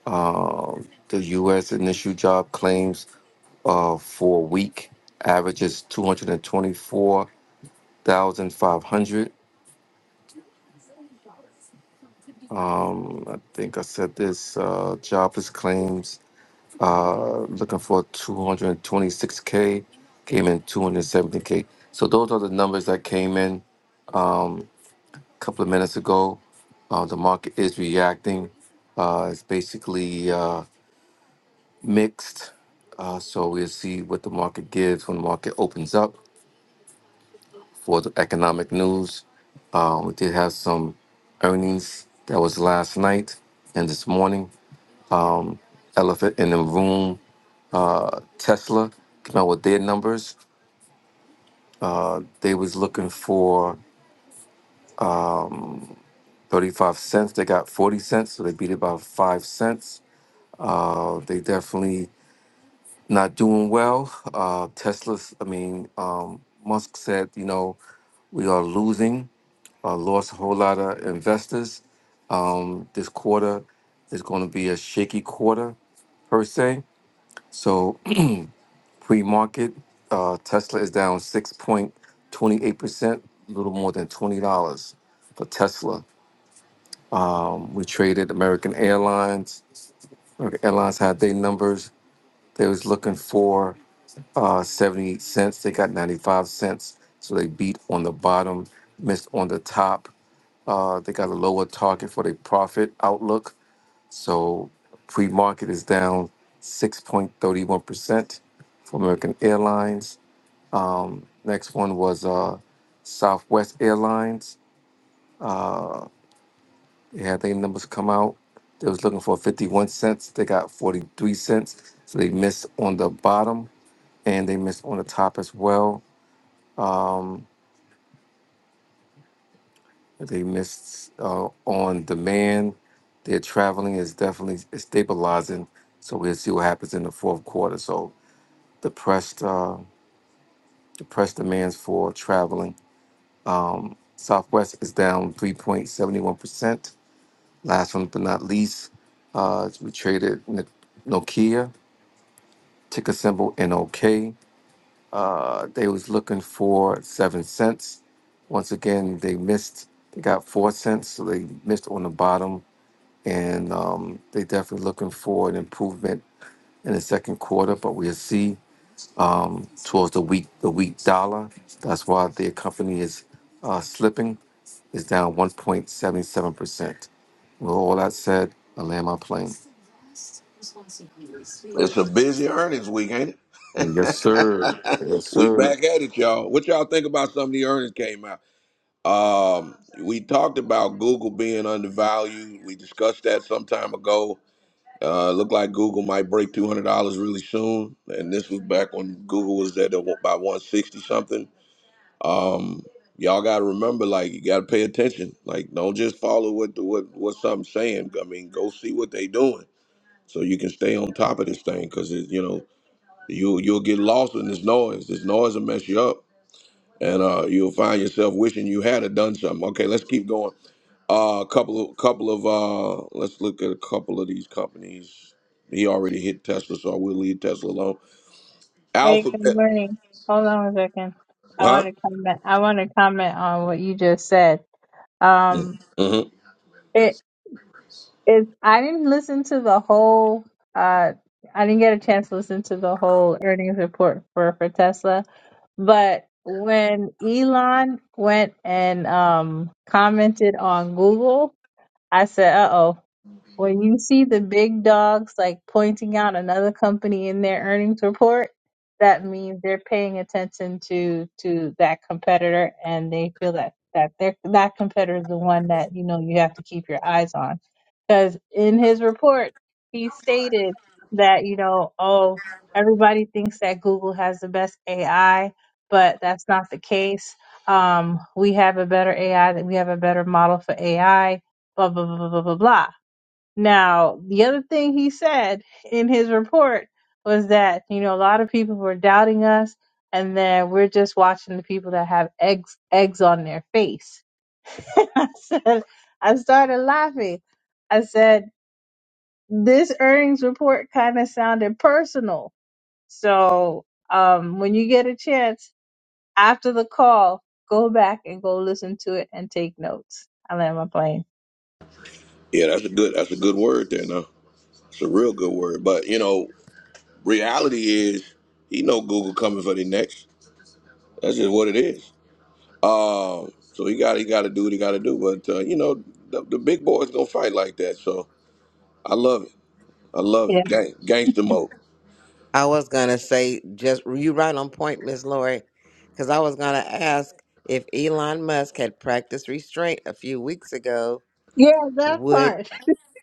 S6: Um, the U.S. initial job claims uh, for a week averages 224,500. Um, I think I said this uh, jobless claims uh, looking for 226K came in 270K. So those are the numbers that came in. Um, couple of minutes ago. Uh, the market is reacting. Uh, it's basically uh, mixed. Uh, so we'll see what the market gives when the market opens up for the economic news. Uh, we did have some earnings that was last night and this morning. Um, elephant in the room, uh, Tesla came out with their numbers. Uh, they was looking for 35 cents. They got 40 cents, so they beat it by 5 cents. Uh, they definitely not doing well. Uh, Tesla's, I mean, um, Musk said, you know, we are losing, uh, lost a whole lot of investors. Um, this quarter is going to be a shaky quarter per se. So pre-market, uh, Tesla is down 6.28%, a little more than $20 for Tesla. Um, we traded American Airlines. American Airlines had their numbers. They was looking for uh, 78 cents. They got 95 cents. So they beat on the bottom, missed on the top. Uh, they got a lower target for their profit outlook. So pre market is down 6.31% for American Airlines. Um, next one was uh, Southwest Airlines. Uh, they had their numbers come out. They was looking for 51 cents. They got 43 cents. So they missed on the bottom and they missed on the top as well Um, they missed uh, on demand. Their traveling is definitely stabilizing, so we'll see what happens in the fourth quarter. So depressed, pressed uh, the demands for traveling. Southwest is down 3.71 percent. Last one but not least, uh, we traded N- Nokia ticker symbol NOK. Uh, they was looking for seven cents. Once again, they missed. They got four cents, so they missed on the bottom and um, they definitely looking for an improvement in the second quarter. But we'll see um, towards the weak the weak dollar. That's why the company is uh, slipping. It's down 1.77 percent. With all that said, I land my plane.
S1: It's a busy earnings week, ain't
S6: Yes, sir.
S1: it?
S6: Yes,
S1: we
S6: sir.
S1: back at it, y'all. What y'all think about some of the earnings came out? Um, we talked about Google being undervalued. We discussed that some time ago. Uh, looked like Google might break two hundred dollars really soon, and this was back when Google was at about one sixty something. Um, y'all got to remember, like you got to pay attention. Like don't just follow what what what something's saying. I mean, go see what they doing so you can stay on top of this thing because you know you you'll get lost in this noise. This noise will mess you up, and uh, you'll find yourself wishing you had have done something. Okay, let's keep going. Uh, a couple of couple of uh, let's look at a couple of these companies. He already hit Tesla, so we'll leave Tesla alone.
S8: Hey, good
S1: Alphabet,
S8: morning. Hold on one second. I want
S1: huh?
S8: to comment. I want to comment on what you just said.
S1: Mm,
S8: Um,
S1: Mm-hmm.
S8: it is. I didn't listen to the whole. Uh, I didn't get a chance to listen to the whole earnings report for for Tesla. But when Elon went and um commented on Google, I said, "Uh oh." When you see the big dogs like pointing out another company in their earnings report, that means they're paying attention to to that competitor and they feel that that their that competitor is the one that you know you have to keep your eyes on. Because in his report, he stated that, you know, oh, everybody thinks that Google has the best AI, but that's not the case. Um, we have a better AI, that we have a better model for AI, blah, blah, blah, blah, blah, blah, blah. Now, the other thing he said in his report was that, you know, a lot of people were doubting us and then we're just watching the people that have eggs eggs on their face. And I said I started laughing. I said this earnings report kind of sounded personal. So, um when you get a chance after the call, go back and go listen to it and take notes. I land my plane.
S1: Yeah, that's a good that's a good word there. Now it's a real good word, but you know, reality is he know Google coming for the next. That's just what it is. Uh, so he got he got to do what he got to do. But uh, you know, the, the big boys gonna fight like that. So I love it. I love
S8: Yeah.
S1: it. Gang, gangster mode.
S5: I was gonna say just you right on point, Miss Lori, because I was gonna ask if Elon Musk had practiced restraint a few weeks ago,
S8: Yeah, that
S5: would
S8: part.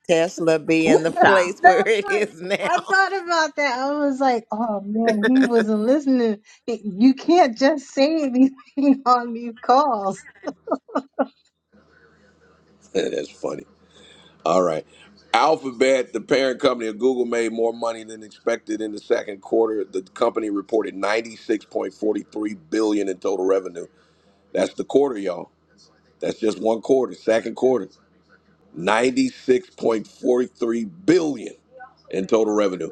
S5: Tesla be
S2: Ooh,
S5: in the
S2: cha.
S5: place where
S8: That's
S5: it
S8: right.
S5: is
S8: I
S5: now?
S8: thought about that. I was like, oh man, he wasn't listening. You can't just say anything on these calls.
S1: That's funny. All right. Alphabet, the parent company of Google, made more money than expected in the second quarter. The company reported 96.43 billion in total revenue. That's the quarter, y'all. That's just one quarter, second quarter. 96.43 billion in total revenue,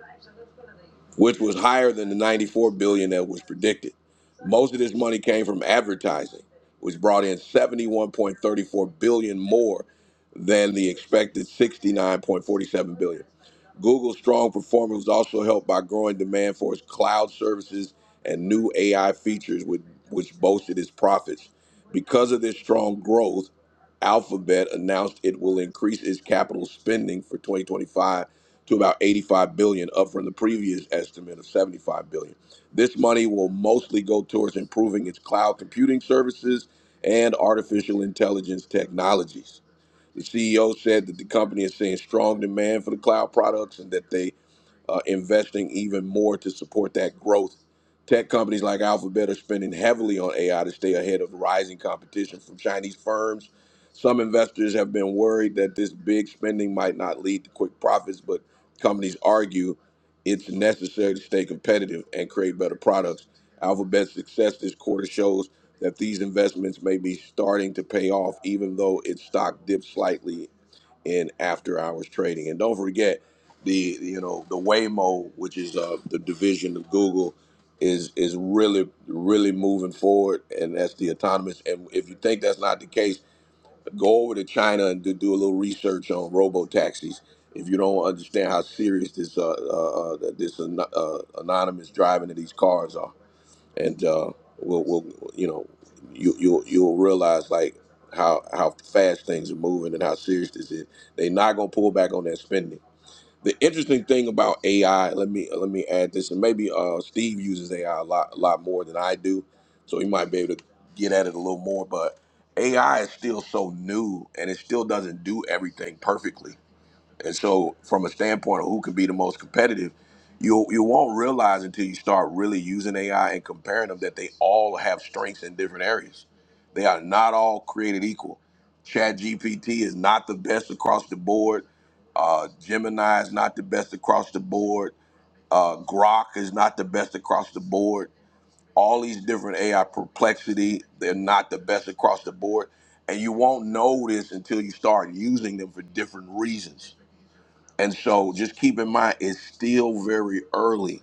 S1: which was higher than the 94 billion that was predicted. Most of this money came from advertising, which brought in 71.34 billion more than the expected 69.47 billion. Google's strong performance was also helped by growing demand for its cloud services and new AI features, with, which boosted its profits. Because of this strong growth, Alphabet announced it will increase its capital spending for 2025 to about 85 billion, up from the previous estimate of 75 billion. This money will mostly go towards improving its cloud computing services and artificial intelligence technologies. The CEO said that the company is seeing strong demand for the cloud products and that they uh, investing even more to support that growth. Tech companies like Alphabet are spending heavily on AI to stay ahead of rising competition from Chinese firms. Some investors have been worried that this big spending might not lead to quick profits, but companies argue it's necessary to stay competitive and create better products. Alphabet's success this quarter shows that these investments may be starting to pay off, even though its stock dipped slightly in after hours trading. And don't forget the you know the Waymo, which is uh, the division of Google, is is really really moving forward, and that's the autonomous. And if you think that's not the case, go over to China and do, do a little research on robo taxis. If you don't understand how serious this uh, uh, uh, this an, uh, anonymous driving of these cars are and uh, we'll, we'll you know you you you'll realize like how how fast things are moving and how serious this is. They're not gonna pull back on that spending. The interesting thing about AI, let me let me add this, and maybe uh, Steve uses AI a lot a lot more than I do, so he might be able to get at it a little more. But AI is still so new, and it still doesn't do everything perfectly and so, from a standpoint of who can be the most competitive, you you won't realize until you start really using AI and comparing them that they all have strengths in different areas. They are not all created equal. Chat GPT is not the best across the board. Uh, Gemini is not the best across the board. Uh, Grok is not the best across the board. All these different AI perplexity, they're not the best across the board. And you won't know this until you start using them for different reasons and so just keep in mind, it's still very early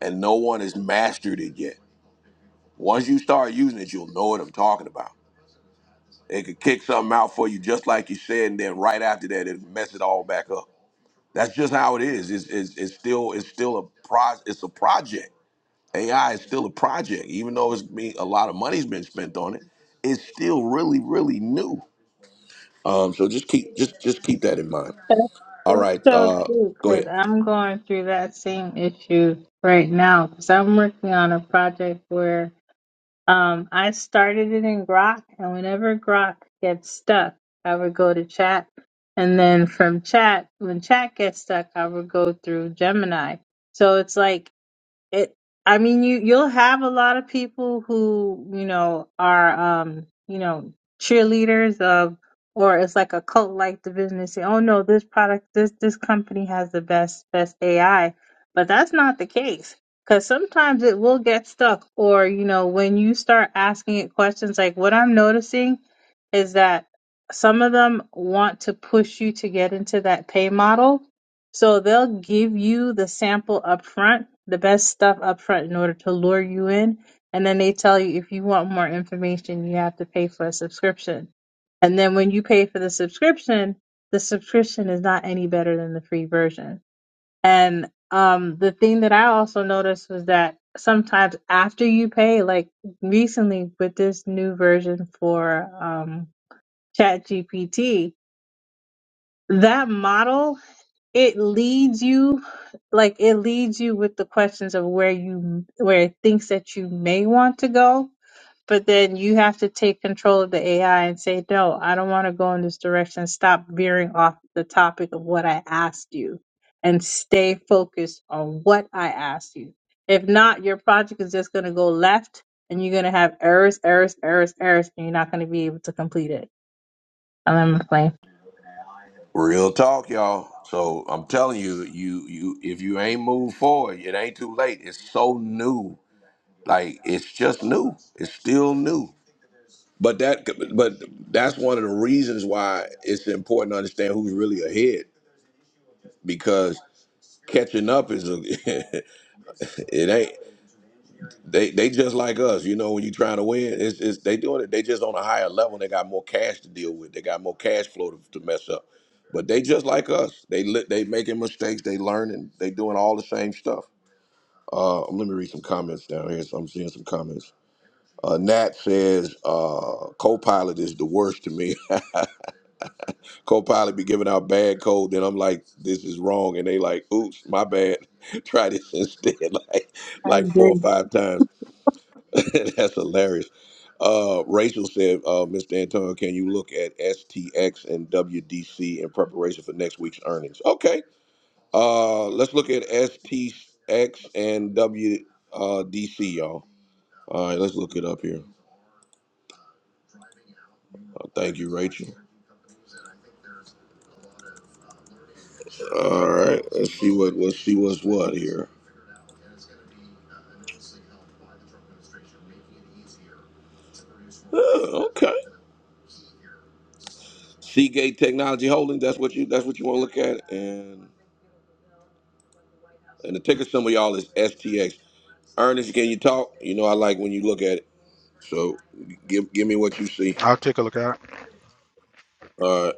S1: and no one has mastered it yet. Once you start using it, you'll know what I'm talking about. It could kick something out for you just like you said, and then right after that, it mess it all back up. That's just how it is. It's, it's, it's still it's still a pro, it's a project. AI is still a project, even though it's being a lot of money's been spent on it. It's still really really new. Um, so just keep just just keep that in mind. All
S8: That's
S1: right,
S8: so
S1: uh,
S8: true
S1: go
S8: because
S1: ahead.
S8: I'm going through that same issue right now because I'm working on a project where um, I started it in Grok, and whenever Grok gets stuck, I would go to chat. And then from chat, when chat gets stuck, I would go through Gemini. So it's like It, I mean, you you'll have a lot of people who you know are um you know cheerleaders of, or it's like a cult like division. They say, oh no, this product, this this company has the best best AI, but that's not the case because sometimes it will get stuck, or you know when you start asking it questions like what I'm noticing is that some of them want to push you to get into that pay model so they'll give you the sample up front, the best stuff up front in order to lure you in. And then they tell you if you want more information, you have to pay for a subscription. And then when you pay for the subscription, the subscription is not any better than the free version. And um, the thing that I also noticed was that sometimes after you pay, like recently with this new version for um, ChatGPT, that model it leads you like it leads you with the questions of where you where it thinks that you may want to go but then you have to take control of the ai and say no i don't want to go in this direction stop veering off the topic of what i asked you and stay focused on what i asked you if not your project is just going to go left and you're going to have errors errors errors errors and you're not going to be able to complete it i'm playing
S1: Real talk, y'all. So I'm telling you, you you if you ain't moved forward, it ain't too late. It's so new. Like it's just new. It's still new. But that but that's one of the reasons why it's important to understand who's really ahead because catching up is a it ain't They they just like us, you know. When you trying to win, it's, it's they doing it. They just on a higher level. and They got more cash to deal with. They got more cash flow to, to mess up. But they just like us. They li- they making mistakes. They learning. They doing all the same stuff. Uh, let me read some comments down here. So I'm seeing some comments. Uh, Nat says uh, Copilot is the worst to me. Copilot be giving out bad code, then I'm like, this is wrong, and they like, oops, my bad. Try this instead, like
S8: i
S1: like four or
S8: agree
S1: five times. That's hilarious. Uh, Rachel said, uh, Mr. Antonio, can you look at STX and WDC in preparation for next week's earnings? Okay. Uh, let's look at STX and WDC, y'all. All right, let's look it up here. Uh, thank you, Rachel. All right, let's see what let's see what's what here. Uh, okay, Seagate Technology Holdings. That's what you that's what you want to look at, and and the ticker symbol y'all is STX. Ernest, can you talk? You know, I like when you look at So give give me what you see.
S9: I'll take a look at it.
S1: Uh,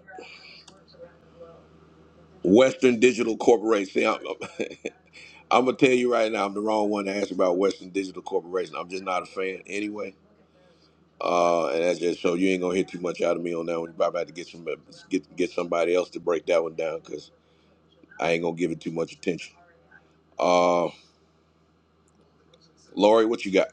S1: Western Digital Corporation. See, I'm, I'm I'm gonna tell you right now, I'm the wrong one to ask about Western Digital Corporation. I'm just not a fan anyway. Uh, and that's just so you ain't gonna hear too much out of me on that one. You probably have to get some get get somebody else to break that one down because I ain't gonna give it too much attention. Uh, Lori, what you got?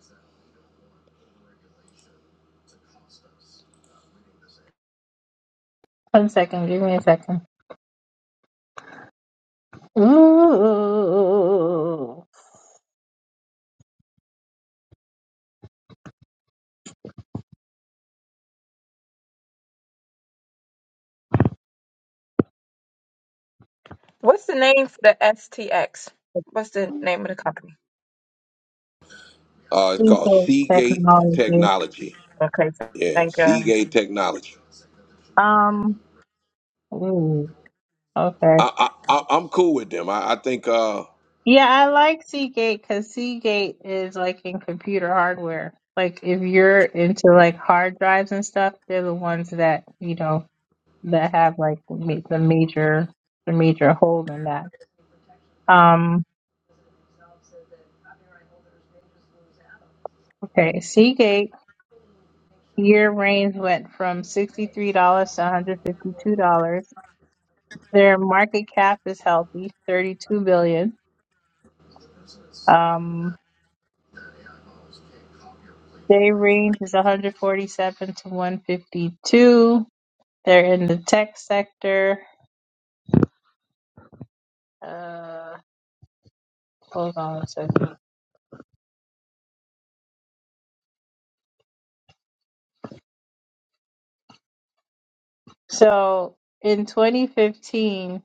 S8: one second give me a second Ooh.
S4: What's the name for the STX? What's the name of the company?
S1: Uh, it's
S8: Speak
S1: called
S8: of
S1: Seagate
S8: technology.
S1: Technology.
S4: Okay, so
S1: Yeah,
S4: thank you.
S1: Seagate Technology.
S8: Um, Ooh. Okay.
S1: I, I, I I'm cool with them. I, I think. Uh,
S8: Yeah, I like Seagate because Seagate is like in computer hardware. Like if you're into like hard drives and stuff, they're the ones that, you know, that have like ma- the major the major hold in that. Um okay, Seagate year range went from $63 to $152. Their market cap is healthy, 32 billion. Um, they range is 147 to 152. They're in the tech sector. Uh, hold on a second. So in 2015,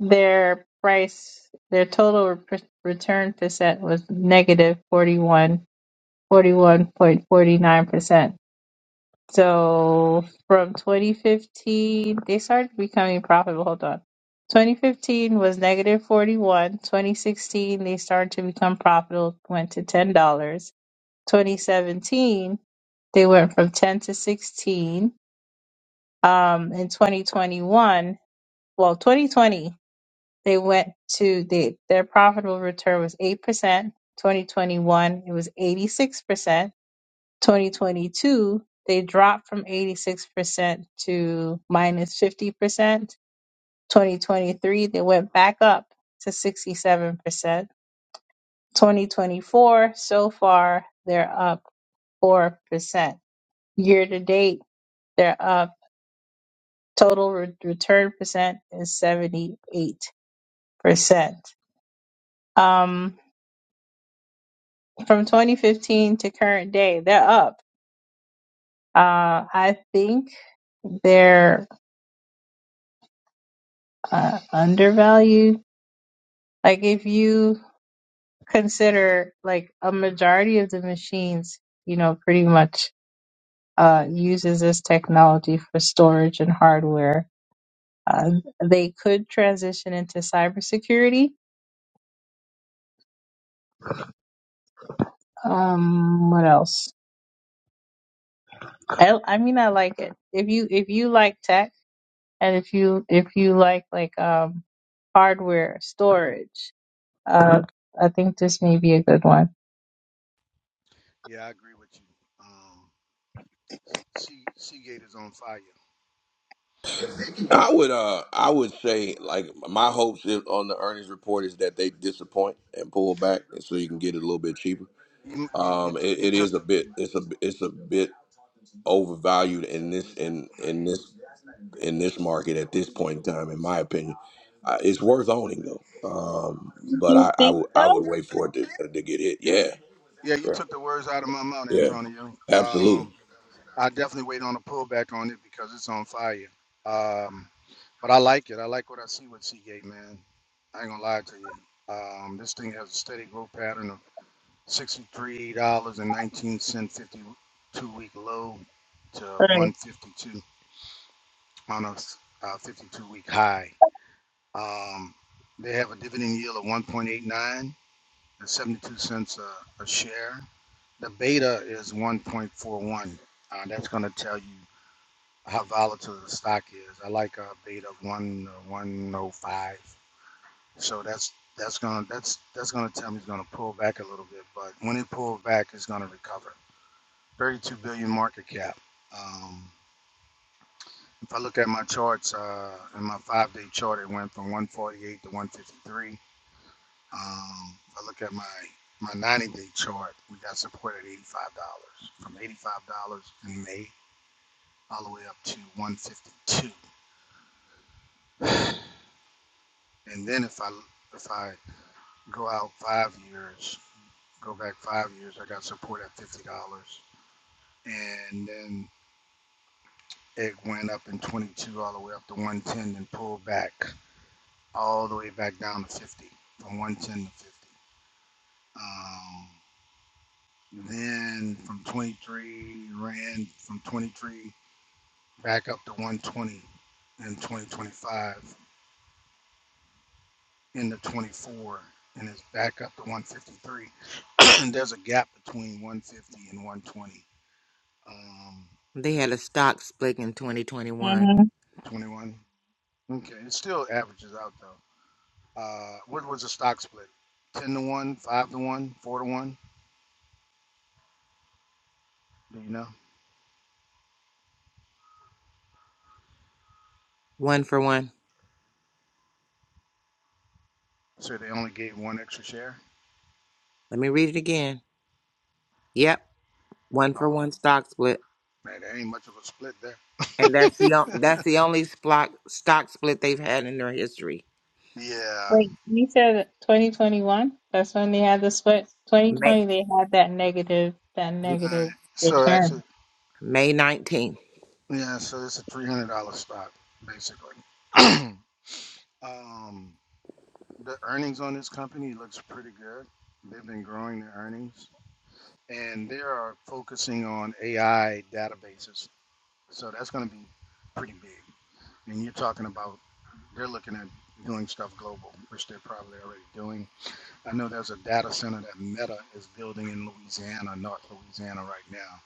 S8: their price, their total re- return percent was negative negative forty-one, forty-one point forty-nine percent So from 2015, they started becoming profitable. Hold on. 2015 was negative 41. 2016, they started to become profitable, went to $10. 2017, they went from 10 to 16. Um, in 2021, well, 2020, they went to they, their profitable return was 8%. 2021, it was 86%. 2022, they dropped from 86% to minus 50%. 2023, they went back up to 67%. 2024, so far, they're up 4%. Year to date, they're up. Total re- return percent is 78%. Um, from 2015 to current day, they're up. Uh, I think they're uh, undervalued Like if you consider like a majority of the machines, you know, pretty much uh, uses this technology for storage and hardware. Uh, they could transition into cybersecurity. Um, what else? I, I mean, I like it. If you if you like tech, and if you if you like like um hardware storage, uh, I think this may be a good one.
S9: Yeah, I agree with you. Um, Sea Seagate is on fire.
S1: I would uh I would say like my hopes is- on the earnings report is that they disappoint and pull back and so you can get it a little bit cheaper.
S9: You you you,
S1: Um it,
S9: you
S1: it
S9: took
S1: is a bit it's a it's a bit overvalued in this in in this in this market at this point in time in my opinion. Uh, it's worth owning though. Um but
S8: You
S1: I I
S8: think
S1: would I
S8: so?
S1: would wait for it to, to get hit.
S9: you,
S1: Yeah.
S9: yeah you
S1: Yeah.
S9: took the words out of my mouth,
S1: Yeah.
S9: Antonio.
S1: Absolutely.
S9: Um, I definitely wait on a pullback on it because it's on fire. Um, but I like it. I like what I see with Seagate, man. I ain't gonna lie to you. Um, this thing has a steady growth pattern of sixty-three dollars and nineteen cent fifty-two week low to
S8: Right.
S9: one fifty-two on a uh, fifty-two week high. Um, they have a dividend yield of 1.89 and 72 cents a, a share. The beta is 1.41. Uh, that's going to tell you how volatile the stock is. I like a beta of one uh, 105. So that's that's gonna that's that's gonna tell me it's gonna pull back a little bit. But when it pulls back, it's gonna recover. 32 billion market cap. Um, if I look at my charts, uh, in my five-day chart, it went from 148 to 153. Um, I look at my my 90 day chart. We got support at $85 from $85 in May all the way up to 152. And then if I if I go out five years, go back five years, I got support at $50. And then it went up in 22 all the way up to 110 and pulled back all the way back down to 50 from 110 to 50. Um, then from 23 ran from 23 back up to 120 in 2025 into 24 and it's back up to 153 and there's a gap between 150 and 120 um
S5: They had a stock split in 2021,
S8: Mm-hmm.
S9: 21 okay it still averages out though uh what was the stock split 10 to 1 5 to 1 4 to 1 do you know
S5: one for one.
S9: so they only gave one extra share
S5: Let me read it again. Yep, one for
S9: oh
S5: one stock split,
S9: man there ain't much of a split there
S5: and that's the on- that's the only stock stock split they've had in their history.
S9: yeah
S8: Wait, you said 2021? That's when they had the split.
S5: May
S8: 2020, they had that negative, that
S9: all right.
S8: negative
S9: so
S8: return.
S9: actually
S5: May 19th.
S9: yeah so it's a $300 stock basically Um, the earnings on this company looks pretty good. They've been growing their earnings, and they are focusing on AI databases. So that's going to be pretty big. And you're talking about they're looking at doing stuff global, which they're probably already doing. I know there's a data center that Meta is building in Louisiana, North Louisiana, right now.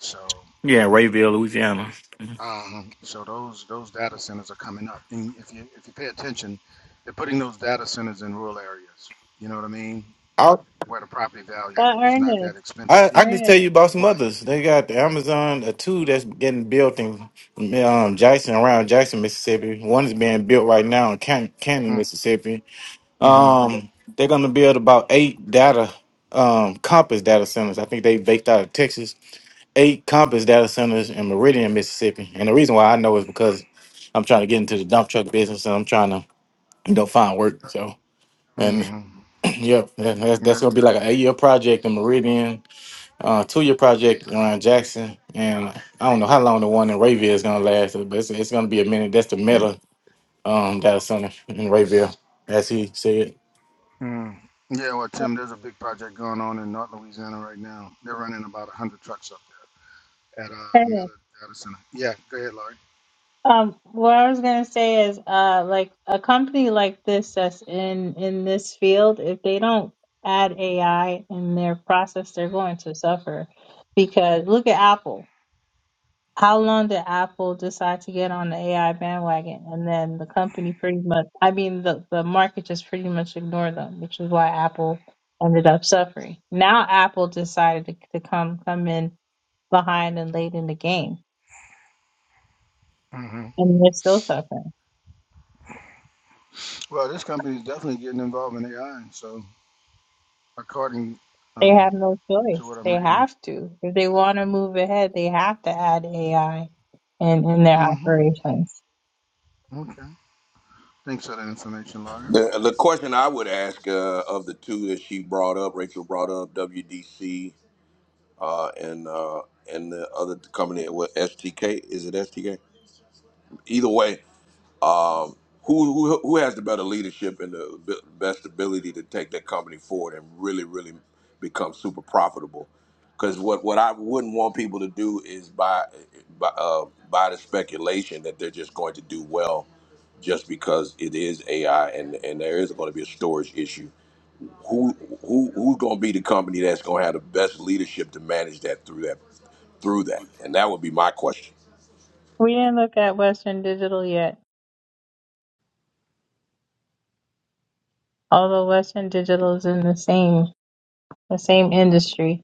S9: So,
S10: Yeah, Rayville, Louisiana.
S9: um, so those those data centers are coming up, and if you if you pay attention, they're putting those data centers in rural areas. You know what I mean?
S10: I
S9: where the property value
S8: But
S9: is not that
S8: Ernest,
S9: expensive.
S10: I,
S9: You
S10: I can tell
S8: Ernest,
S10: you about some
S9: what?
S10: others. They got the Amazon a two that's getting built in um, Jackson around Jackson, Mississippi. One is being built right now in Can- Canton,
S9: Mm,
S10: Mississippi.
S9: mm-hmm.
S10: Um, they're gonna build about eight data um compass data centers. I think they baked out of Texas. Eight compass data centers in Meridian, Mississippi. And the reason why I know is because I'm trying to get into the dump truck business and I'm trying to you know find work. So and
S9: Mm-hmm.
S10: Yep, that- that's, that's
S9: That,
S10: gonna be like an eight-year project in Meridian, uh, two-year project around Jackson, and I don't know how long the one in Rayville is gonna last, but it's, it's gonna be a minute. That's the meta um data center in Rayville, as he said.
S9: mm. Yeah, well, Tim, there's a big project going on in North Louisiana right now. They're running about one hundred trucks up there at uh, Meta
S8: Ernest.
S9: Data Center. Yeah, go ahead, Larry.
S8: Um, what I was gonna say is, uh, like a company like this that's in in this field, if they don't add AI in their process, they're going to suffer because look at Apple. How long did Apple decide to get on the AI bandwagon? And then the company pretty much, I mean, the, the market just pretty much ignored them, which is why Apple ended up suffering. Now Apple decided to, to come come in behind and late in the game,
S9: mm hmm
S8: and they're still suffering.
S9: Well, this company is definitely getting involved in AI. So, according
S8: They have
S9: um,
S8: no
S9: to
S8: choice.
S9: what I'm
S8: They
S9: reading.
S8: have to. If they want to move ahead, they have to add AI in, in their
S9: mm hmm
S8: operations.
S9: Okay. Thanks for that information, Larry.
S1: The the question I would ask uh, of the two that she brought up, Rachel brought up WDC uh, and uh, and the other company with STK is it STK? Either way, um, who, who who has the better leadership and the b- best ability to take that company forward and really really become super profitable? Because what, what I wouldn't want people to do is buy by uh, buy the speculation that they're just going to do well just because it is AI and and there is going to be a storage issue who who who's going to be the company that's going to have the best leadership to manage that through that through that and that would be my question
S8: We didn't look at Western Digital yet, although Western Digital is in the same the same industry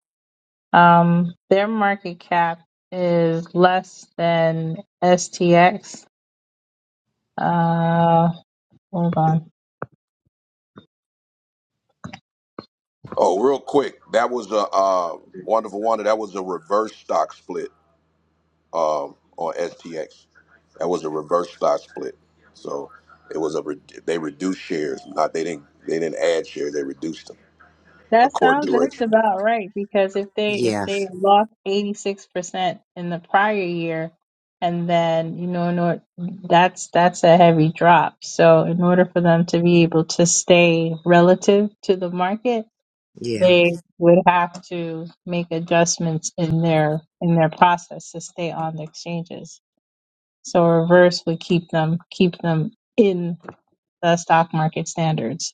S8: Um, their market cap is less than STX. Uh, hold on.
S1: oh real quick that was a uh, wonderful wonder that was a reverse stock split um, on stx that was a reverse stock split so it was a re- they reduced shares not they didn't they didn't add shares they reduced them
S8: That
S1: according
S8: sounds
S1: to rachel
S8: just about right because if they if
S5: Yes.
S8: they lost 86% in the prior year and then you know in order, that's that's a heavy drop. So in order for them to be able to stay relative to the market,
S5: Yeah.
S8: they would have to make adjustments in their in their process to stay on the exchanges. So a reverse would keep them keep them in the stock market standards.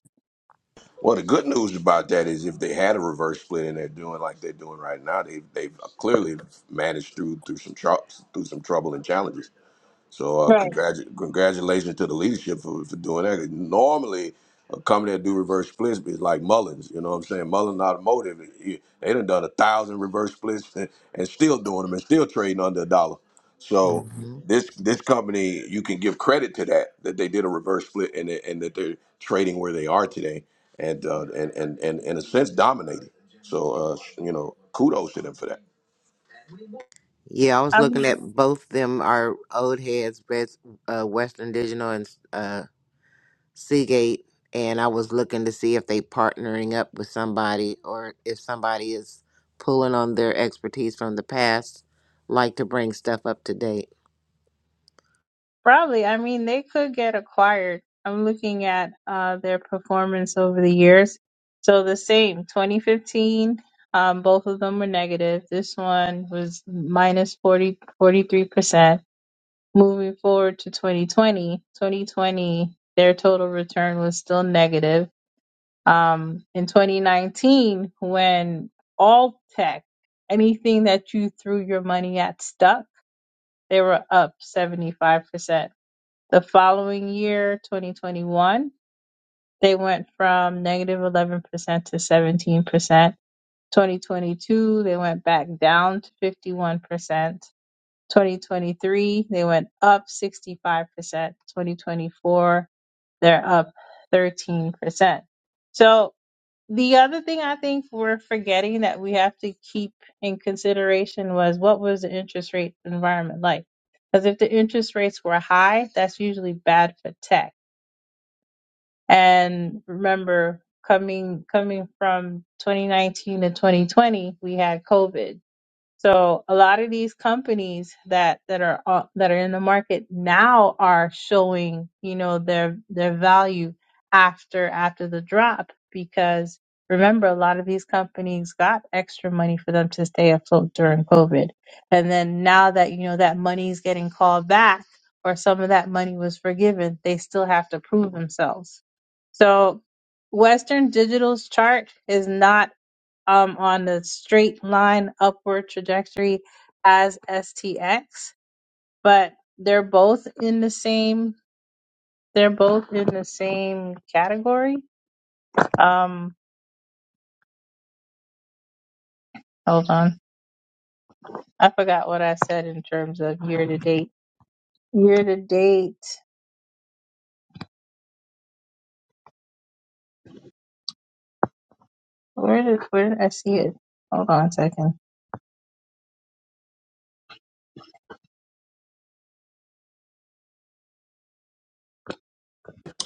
S1: Well, the good news about that is if they had a reverse split and they're doing like they're doing right now, they've they've clearly managed through through some tr- through some trouble and challenges. So uh,
S8: Right.
S1: congratu- congratulations to the leadership for, for doing that. Normally, a company that do reverse splits is like Mullins. You know what I'm saying? Mullins Automotive, he- they done done a thousand reverse splits and, and still doing them and still trading under a dollar. So
S5: Mm-hmm.
S1: this this company, you can give credit to that that they did a reverse split and that- and that they're trading where they are today and uh, and, and and in a sense dominating. So uh, you know, kudos to them for that.
S5: Yeah, I was looking
S8: Um,
S5: at both them are old heads, Best, uh, Western Digital and uh, Seagate, and I was looking to see if they partnering up with somebody or if somebody is pulling on their expertise from the past, like to bring stuff up to date.
S8: probably. I mean, they could get acquired. I'm looking at uh, their performance over the years. So the same, 2015, um, both of them were negative. This one was minus minus forty forty three percent Moving forward to 2020, 2020, their total return was still negative um, in 2019 when all tech, anything that you threw your money at stuck, they were up 75%. The following year, 2021, they went from negative 11% to 17%. 2022, they went back down to 51%. 2023, they went up 65%. 2024, they're up 13%. So The other thing I think we're forgetting that we have to keep in consideration was what was the interest rate environment like? Because if the interest rates were high, that's usually bad for tech. And remember, coming coming from 2019 to 2020, we had COVID. So a lot of these companies that that are uh, that are in the market now are showing, you know, their their value after after the drop because remember a lot of these companies got extra money for them to stay afloat during COVID. And then now that you know that money is getting called back or some of that money was forgiven, they still have to prove themselves. So Western Digital's chart is not um, on the straight line upward trajectory as STX, but they're both in the same. They're both in the same category. Um, hold on, I forgot what I said in terms of year to date. Year to date, where did where did I see it? Hold on a second.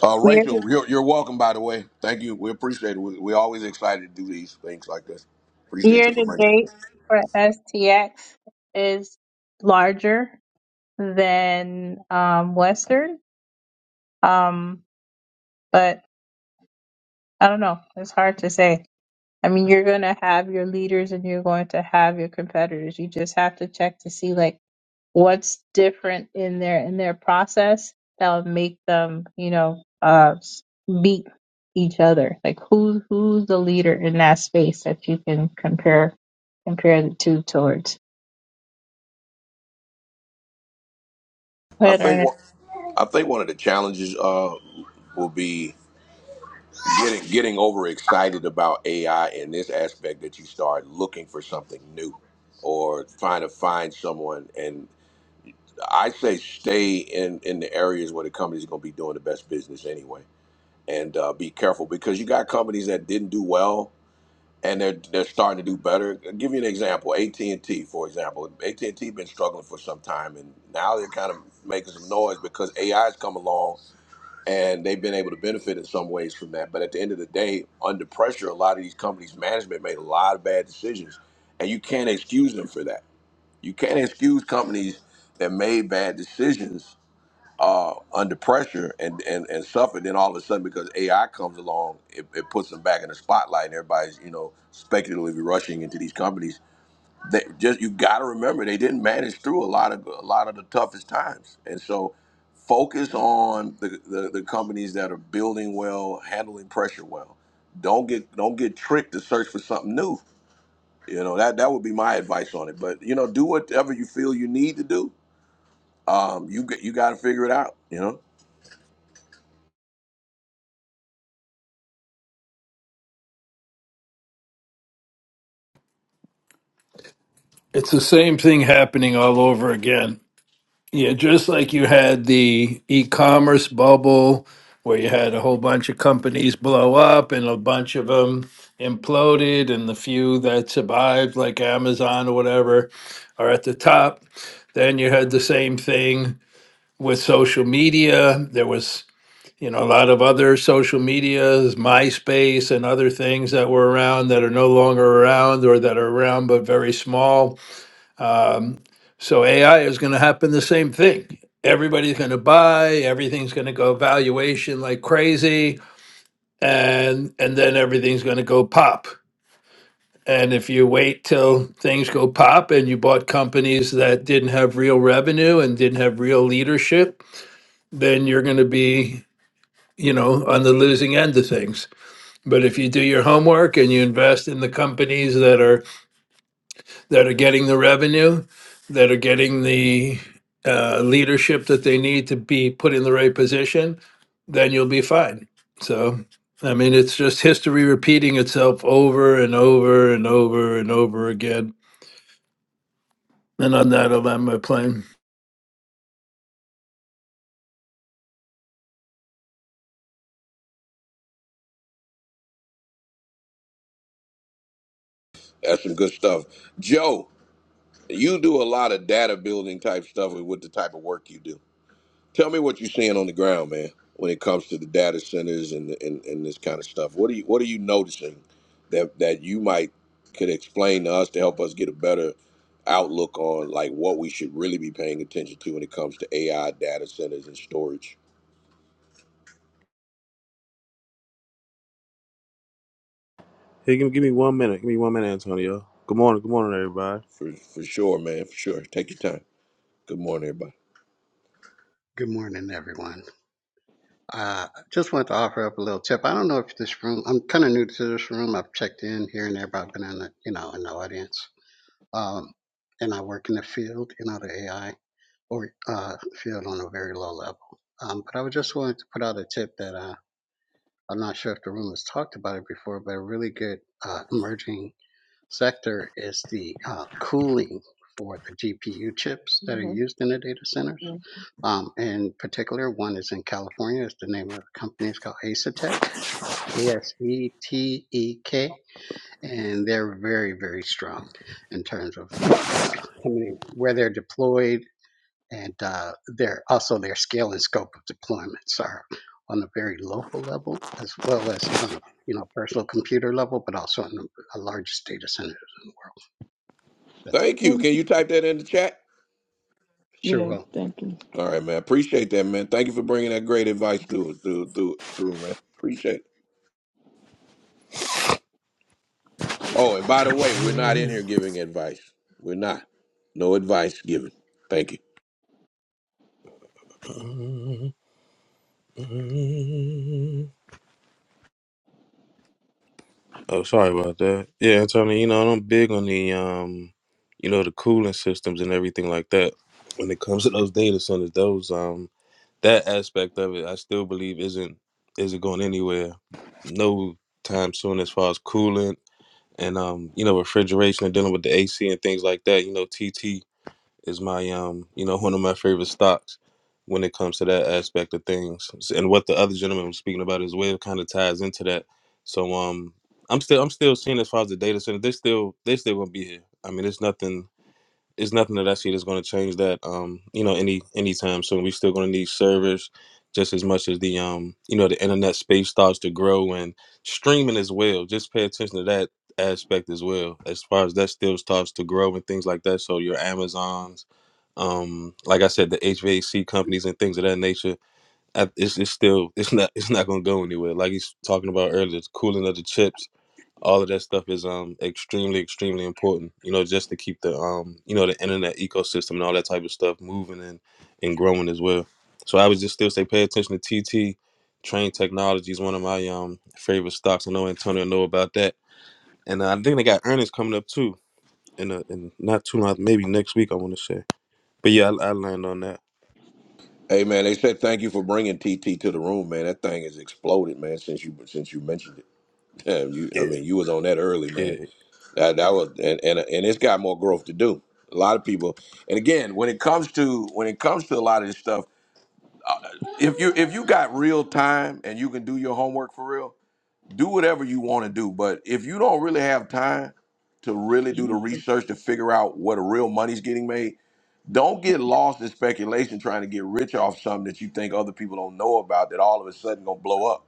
S1: Uh,
S8: Year to,
S1: Rachel, you're, you're welcome, by the way. Thank you. We appreciate it. We, we're always excited to do these things like this. Appreciate you
S8: year
S1: for
S8: to
S1: bringing it.
S8: date for STX is larger than um, Western, um, but I don't know. It's hard to say. I mean, you're going to have your leaders and you're going to have your competitors. You just have to check to see like what's different in their in their process that would make them, you know, uh s- beat each other. Like who's who's the leader in that space that you can compare compare the two towards. Go
S1: I
S8: ahead, Ernest.
S1: think, one- I think one of the challenges uh, will be getting, getting overexcited about AI in this aspect that you start looking for something new or trying to find someone. And I say stay in, in the areas where the company's going to be doing the best business anyway. And uh, be careful because you got companies that didn't do well and they're they're starting to do better. I'll give you an example, AT and T, for example, AT and T been struggling for some time, and now they're kind of making some noise because AI has come along, and they've been able to benefit in some ways from that. But at the end of the day, under pressure, a lot of these companies' management made a lot of bad decisions, and you can't excuse them for that. You can't excuse companies that made bad decisions uh, under pressure and, and, and suffer. Then all of a sudden, because AI comes along, it, it puts them back in the spotlight, and everybody's you know speculatively rushing into these companies. They just you got to remember they didn't manage through a lot of a lot of the toughest times, and so focus on the, the, the companies that are building well, handling pressure well. Don't get don't get tricked to search for something new. You know that that would be my advice on it. But you know, do whatever you feel you need to do. Um, you g- you got to figure it out. You know.
S11: It's the same thing happening all over again. Yeah, just like you had the e commerce bubble where you had a whole bunch of companies blow up and a bunch of them imploded, and the few that survived, like Amazon or whatever, are at the top. Then you had the same thing with social media. There was you know, a lot of other social medias, MySpace, and other things that were around that are no longer around or that are around but very small um, so AI is going to happen the same thing. Everybody's going to buy. Everything's going to go valuation like crazy, and and then everything's going to go pop. And if you wait till things go pop and you bought companies that didn't have real revenue and didn't have real leadership, then you're going to be, you know, on the losing end of things. But if you do your homework and you invest in the companies that are that are getting the revenue, that are getting the uh, leadership that they need to be put in the right position, then you'll be fine. So, I mean, it's just history repeating itself over and over and over and over again. And on that, I'll land my plane.
S1: That's some good stuff. Joe, you do a lot of data building type stuff with the type of work you do. Tell me what you're seeing on the ground, man, when it comes to the data centers and, and, and this kind of stuff. What are you what are you noticing that that you might could explain to us to help us get a better outlook on like what we should really be paying attention to when it comes to AI data centers and storage?
S12: Hey, give me, give me one minute. Give me one minute, Antonio. Good morning. Good morning, everybody.
S1: For for sure, man, for sure. Take your time. Good morning, everybody.
S13: Good morning, everyone. Uh, just wanted to offer up a little tip. I don't know if this room, I'm kind of new to this room. I've checked in here and there, but I've been in the, you know, in the audience. Um, and I work in the field, you know, the AI or uh, field on a very low level. Um, but I was just wanted to put out a tip that uh, I'm not sure if the room has talked about it before, but a really good uh, emerging sector is the uh, cooling for the GPU chips that are
S4: Mhm.
S13: used in the data centers. Um, in particular, one is in California. It's the name of the company. It's called Asetek, A S E T E K, and they're very, very strong in terms of like uh, where they're deployed, and uh, their also their scale and scope of deployments are on a very local level as well as on a you know personal computer level, but also on the largest data centers in the world. That's it.
S1: Thank
S4: Yeah,
S1: you. Can you type that in the chat?
S13: Sure,
S4: Yeah,
S13: will.
S4: thank you.
S1: All right, man. Appreciate that, man. Thank you for bringing that great advice through, through, through, through, man. Appreciate it. Oh, and by the way, we're not in here giving advice. We're not. No advice given. Thank you.
S12: Oh, sorry about that. Yeah, Antonio, you know, I'm big on the, um, you know, the cooling systems and everything like that. When it comes to those data centers, those, um, that aspect of it, I still believe isn't, isn't going anywhere. No time soon as far as cooling and, um, you know, refrigeration and dealing with the AC and things like that. You know, TT is my um you know one of my favorite stocks when it comes to that aspect of things and what the other gentleman was speaking about as well kind of ties into that so um i'm still i'm still seeing as far as the data center they still they still gonna be here i mean it's nothing it's nothing that I see that's going to change that. Um, you know, any anytime soon, we are still going to need servers just as much as the um, you know, the internet space starts to grow and streaming as well. Just pay attention to that aspect as well, as far as that still starts to grow and things like that. So your Amazons, um, like I said, the HVAC companies and things of that nature, I- it's, it's still it's not it's not going to go anywhere. Like he's talking about earlier, the cooling of the chips all of that stuff is um extremely extremely important you know just to keep the um you know the internet ecosystem and all that type of stuff moving and and growing as well so i would just still say pay attention to tt train technology is one of my um favorite stocks i know antonio know about that and uh, i think they got earnings coming up too in, a, in not too long maybe next week i want to say but yeah I, I land on that
S1: Hey, man. They said thank you for bringing TT to the room, man. That thing has exploded, man. Since you since you mentioned it, Damn, you, I
S12: yeah
S1: mean, you was on that early,
S12: yeah
S1: man. That that was, and and and it's got more growth to do. A lot of people, and again, when it comes to when it comes to a lot of this stuff, if you if you got real time and you can do your homework for real do whatever you want to do. But if you don't really have time to really do the research to figure out where the real money's getting made, don't get lost in speculation trying to get rich off something that you think other people don't know about that all of a sudden gonna blow up.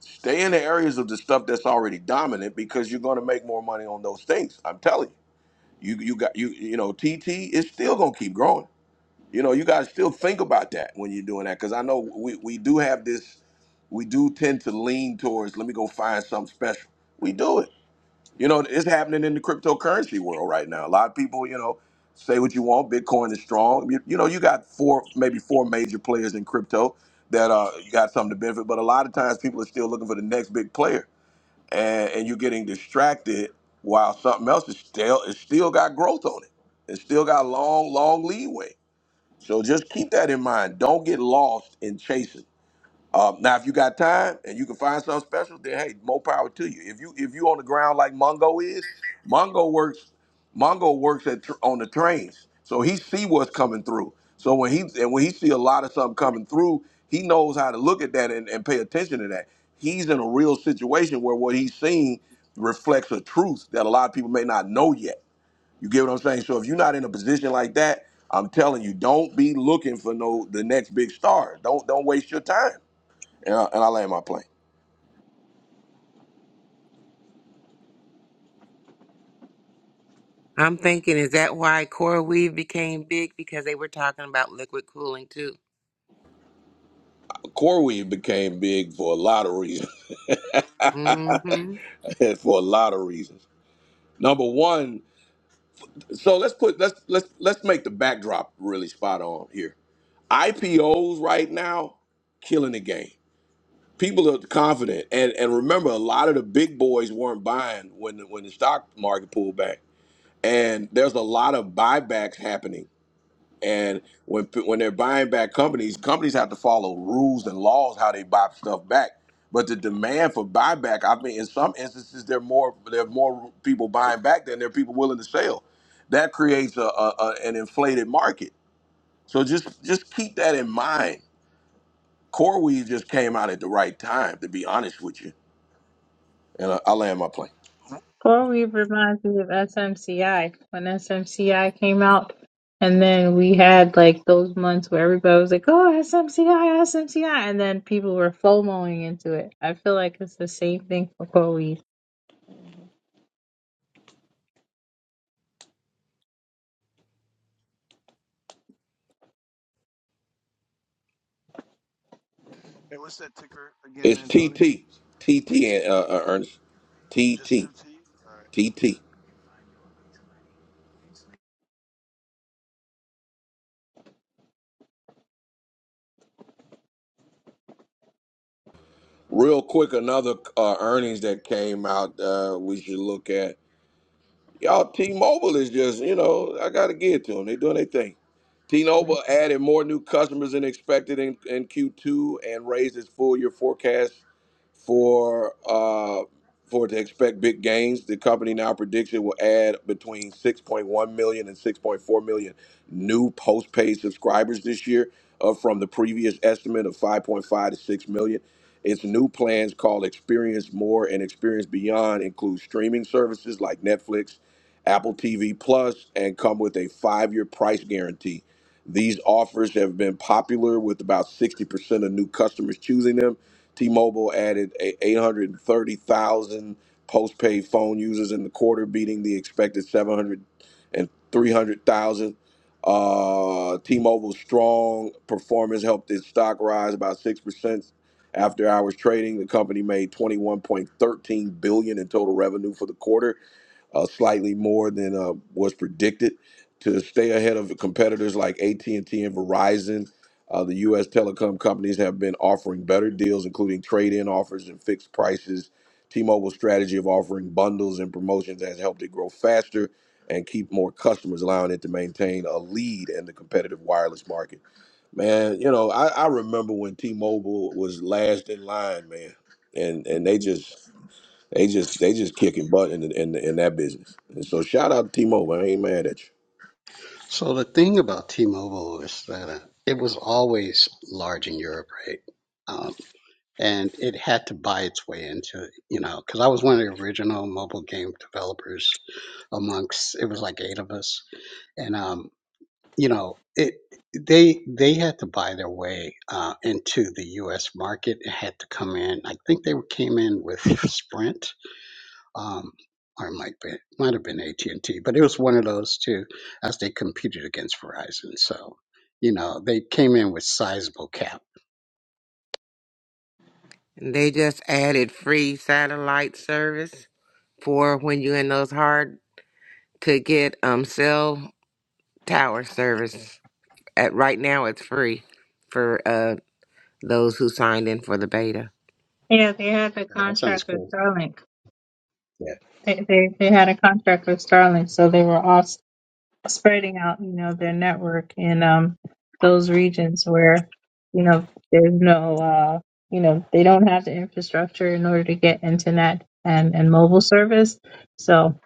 S1: Stay in the areas of the stuff that's already dominant because you're gonna make more money on those things. I'm telling you. You you got you you know, TT is still gonna keep growing you know you got to still think about that when you're doing that because i know we, we do have this we do tend to lean towards let me go find something special we do it you know it's happening in the cryptocurrency world right now a lot of people you know say what you want bitcoin is strong you, you know you got four maybe four major players in crypto that uh you got something to benefit but a lot of times people are still looking for the next big player and and you're getting distracted while something else is still it's still got growth on it it's still got long long leeway so just keep that in mind. Don't get lost in chasing. Uh, now, if you got time and you can find something special, then hey, more power to you. If you if you on the ground like Mongo is, Mongo works. Mongo works at tr- on the trains, so he see what's coming through. So when he and when he see a lot of something coming through, he knows how to look at that and, and pay attention to that. He's in a real situation where what he's seeing reflects a truth that a lot of people may not know yet. You get what I'm saying? So if you're not in a position like that, I'm telling you, don't be looking for no the next big star. Don't don't waste your time. And I, and I land my plane.
S5: I'm thinking, is that why CoreWeave became big because they were talking about liquid cooling too?
S1: Corey became big for a lot of reasons.
S5: hmm
S1: for a lot of reasons. Number one, so let's put let's let's let's make the backdrop really spot on here. IPOs right now killing the game. People are confident, and and remember, a lot of the big boys weren't buying when the, when the stock market pulled back and there's a lot of buybacks happening. And when when they're buying back companies, companies have to follow rules and laws how they buy stuff back. But the demand for buyback, I mean, in some instances, there are more there are more people buying back than there are people willing to sell. That creates a, a, a an inflated market. So just just keep that in mind. CoreWeave just came out at the right time, to be honest with you. And I, I land my plane.
S8: CoreWeave reminds me of SMCI when SMCI came out, and then we had like those months where everybody was like, "Oh, SMCI, SMCI," and then people were FOMOing into it. I feel like it's the same thing for CoreWeave.
S9: Hey, what's that ticker again,
S1: It's
S9: Antonio?
S1: TT,
S9: T-T.
S1: TT, uh, uh, Ernest,
S9: Just two
S1: TT,
S9: T's. All right.
S1: TT. Real quick, another uh, earnings that came out uh, we should look at. Y'all, T-Mobile is just, you know, I got to give it to them. They're doing their thing.
S4: Right.
S1: T-Mobile added more new customers than expected in, in Q2 and raised its full-year forecast for uh, for it to expect big gains. The company now predicts it will add between six point one million and six point four million new postpaid subscribers this year, up from the previous estimate of 5.5 to 6 million. Its new plans called Experience More and Experience Beyond include streaming services like Netflix, Apple TV Plus, and come with a five-year price guarantee. These offers have been popular with about 60% of new customers choosing them T-Mobile added 830,000 postpaid phone users in the quarter, beating the expected 700 and 300,000. Uh, T-Mobile's strong performance helped its stock rise about six percent after hours trading. The company made 21.13 billion dollars in total revenue for the quarter, uh, slightly more than uh, was predicted to stay ahead of competitors like AT&T and T and Verizon. Uh, the U.S. telecom companies have been offering better deals, including trade-in offers and fixed prices. T-Mobile's strategy of offering bundles and promotions has helped it grow faster and keep more customers, allowing it to maintain a lead in the competitive wireless market. Man, you know, I, I remember when T-Mobile was last in line, man, and and they just they just they just kicking butt in the, in the, in that business. And so shout out to T-Mobile. I ain't mad at you.
S13: So the thing about T-Mobile is that uh, it was always large in Europe, right? Um, and it had to buy its way into, you know, because I was one of the original mobile game developers amongst it was like eight of us, and um, you know, it they they had to buy their way uh, into the U.S. market. It had to come in. I think they came in with Sprint, um, or it might be might have been AT and T, but it was one of those two as they competed against Verizon. So you know they came in with sizable cap.
S5: They just added free satellite service for when you're in those hard to get um cell tower service. At right now, it's free for uh those who signed in for the beta.
S8: Yeah, they had the
S13: Yeah, that sounds
S8: contract with
S13: cool.
S8: Starlink.
S13: Yeah.
S8: They they, they had a contract with Starlink, so they were all spreading out, you know, their network in um those regions where, you know, there's no uh you know, they don't have the infrastructure in order to get internet and, and mobile service. So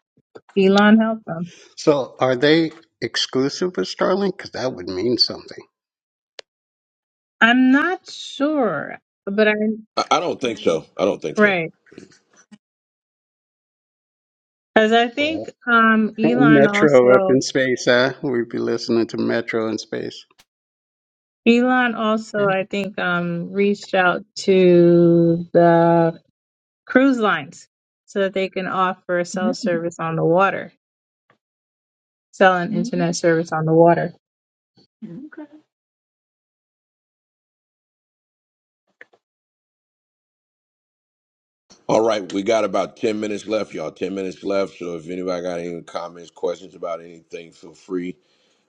S8: Elon helped them.
S13: So are they exclusive with Starlink? Because that would mean something.
S8: I'm not sure, but i
S1: I, I don't think so. I don't think so.
S8: right. Because I think
S13: Well,
S8: um Elon
S13: Metro up
S8: also
S13: in space, huh? We'd be listening to Metro in space.
S8: Elon also
S4: Mhm.
S8: I think um reached out to the cruise lines so that they can offer cell service on the water selling
S4: Mhm.
S8: internet service on the water.
S4: Mhm. Okay.
S1: All right, we got about ten minutes left, y'all. Ten minutes left. So if anybody got any comments, questions about anything, feel free.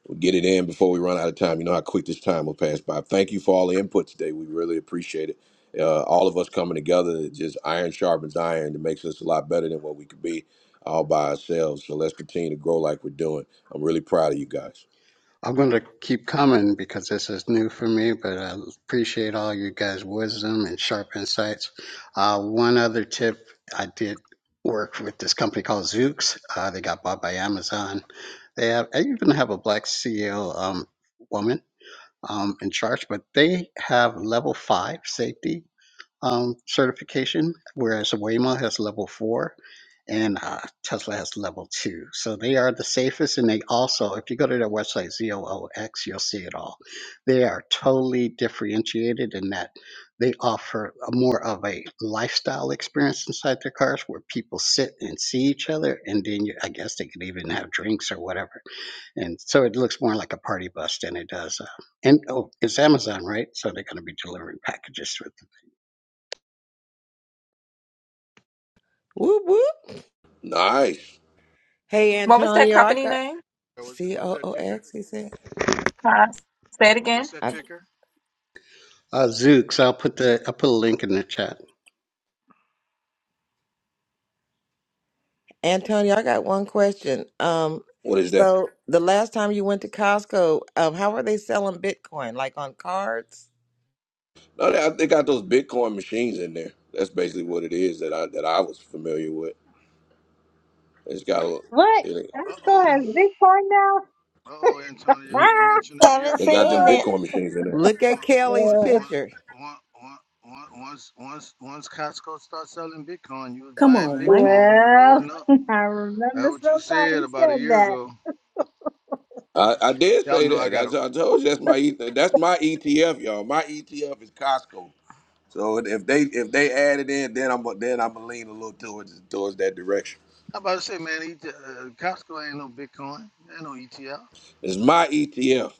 S1: We'll get it in before we run out of time. You know how quick this time will pass by. Thank you for all the input today. We really appreciate it. Uh, all of us coming together, just iron sharpens iron. It makes us a lot better than what we could be all by ourselves. So let's continue to grow like we're doing. I'm really proud of you guys.
S13: I'm going to keep coming because this is new for me, but I appreciate all you guys' wisdom and sharp insights. Uh, one other tip I did work with this company called Zoox. Uh, they got bought by Amazon. They have, I even have a black CEO um, woman um, in charge, but they have level five safety um, certification, whereas Waymo has level four and uh, Tesla has level two. So they are the safest, and they also, if you go to their website, ZOOX, you'll see it all. They are totally differentiated in that they offer a more of a lifestyle experience inside their cars where people sit and see each other, and then you, I guess they could even have drinks or whatever. And so it looks more like a party bus than it does. Uh, and oh, it's Amazon, right? So they're going to be delivering packages with.
S5: Whoop whoop.
S1: Nice.
S5: Hey
S4: What was that
S5: Antonio, I
S4: company
S5: got
S4: name?
S9: Uh, What's
S5: C
S9: what's
S5: O
S9: that
S5: O
S9: ticker?
S5: X. He said,
S4: Uh, say it again.
S9: What's that
S5: I,
S9: ticker?
S13: Uh, Zooks. I'll put the I'll put a link in the chat.
S5: Antonio, I got one question. Um,
S1: What is that?
S5: so the last time you went to Costco, um, how are they selling Bitcoin? Like on cards?
S1: No, they, they got those Bitcoin machines in there. That's basically what it is that I that I was familiar with. It's got a,
S8: What?
S1: it,
S8: Mexico
S9: Uh oh,
S8: has Bitcoin now?
S9: uh oh, Antonio,
S5: L-
S9: you
S8: Ah!
S9: mentioned a year
S3: Haven't
S1: they
S9: ago
S1: got them
S3: seen it.
S9: once,
S8: Uh,
S1: Bitcoin machines in there.
S5: Look at Kelly's
S9: once,
S8: uh,
S9: once,
S5: picture.
S9: once, once, once, once, once Costco starts selling Bitcoin, you was
S2: Come
S9: buying
S2: on, Mike.
S9: Bitcoin, you was
S8: well,
S9: loading up.
S8: I
S9: That's
S8: remember
S9: what you said
S8: somebody
S9: about a
S8: said
S9: year
S8: that.
S9: ago.
S1: I, I did
S9: Y'all
S1: say
S9: know I
S1: that. I,
S9: got to.
S1: I told you that's my E- that's my ETF, y'all. My ETF is Costco. So if they if they add it in, then I'm then I'm gonna lean a little towards towards that direction.
S9: I'm about to say, man, E- T uh, Costco ain't no Bitcoin, ain't no ETL.
S1: It's my ETF,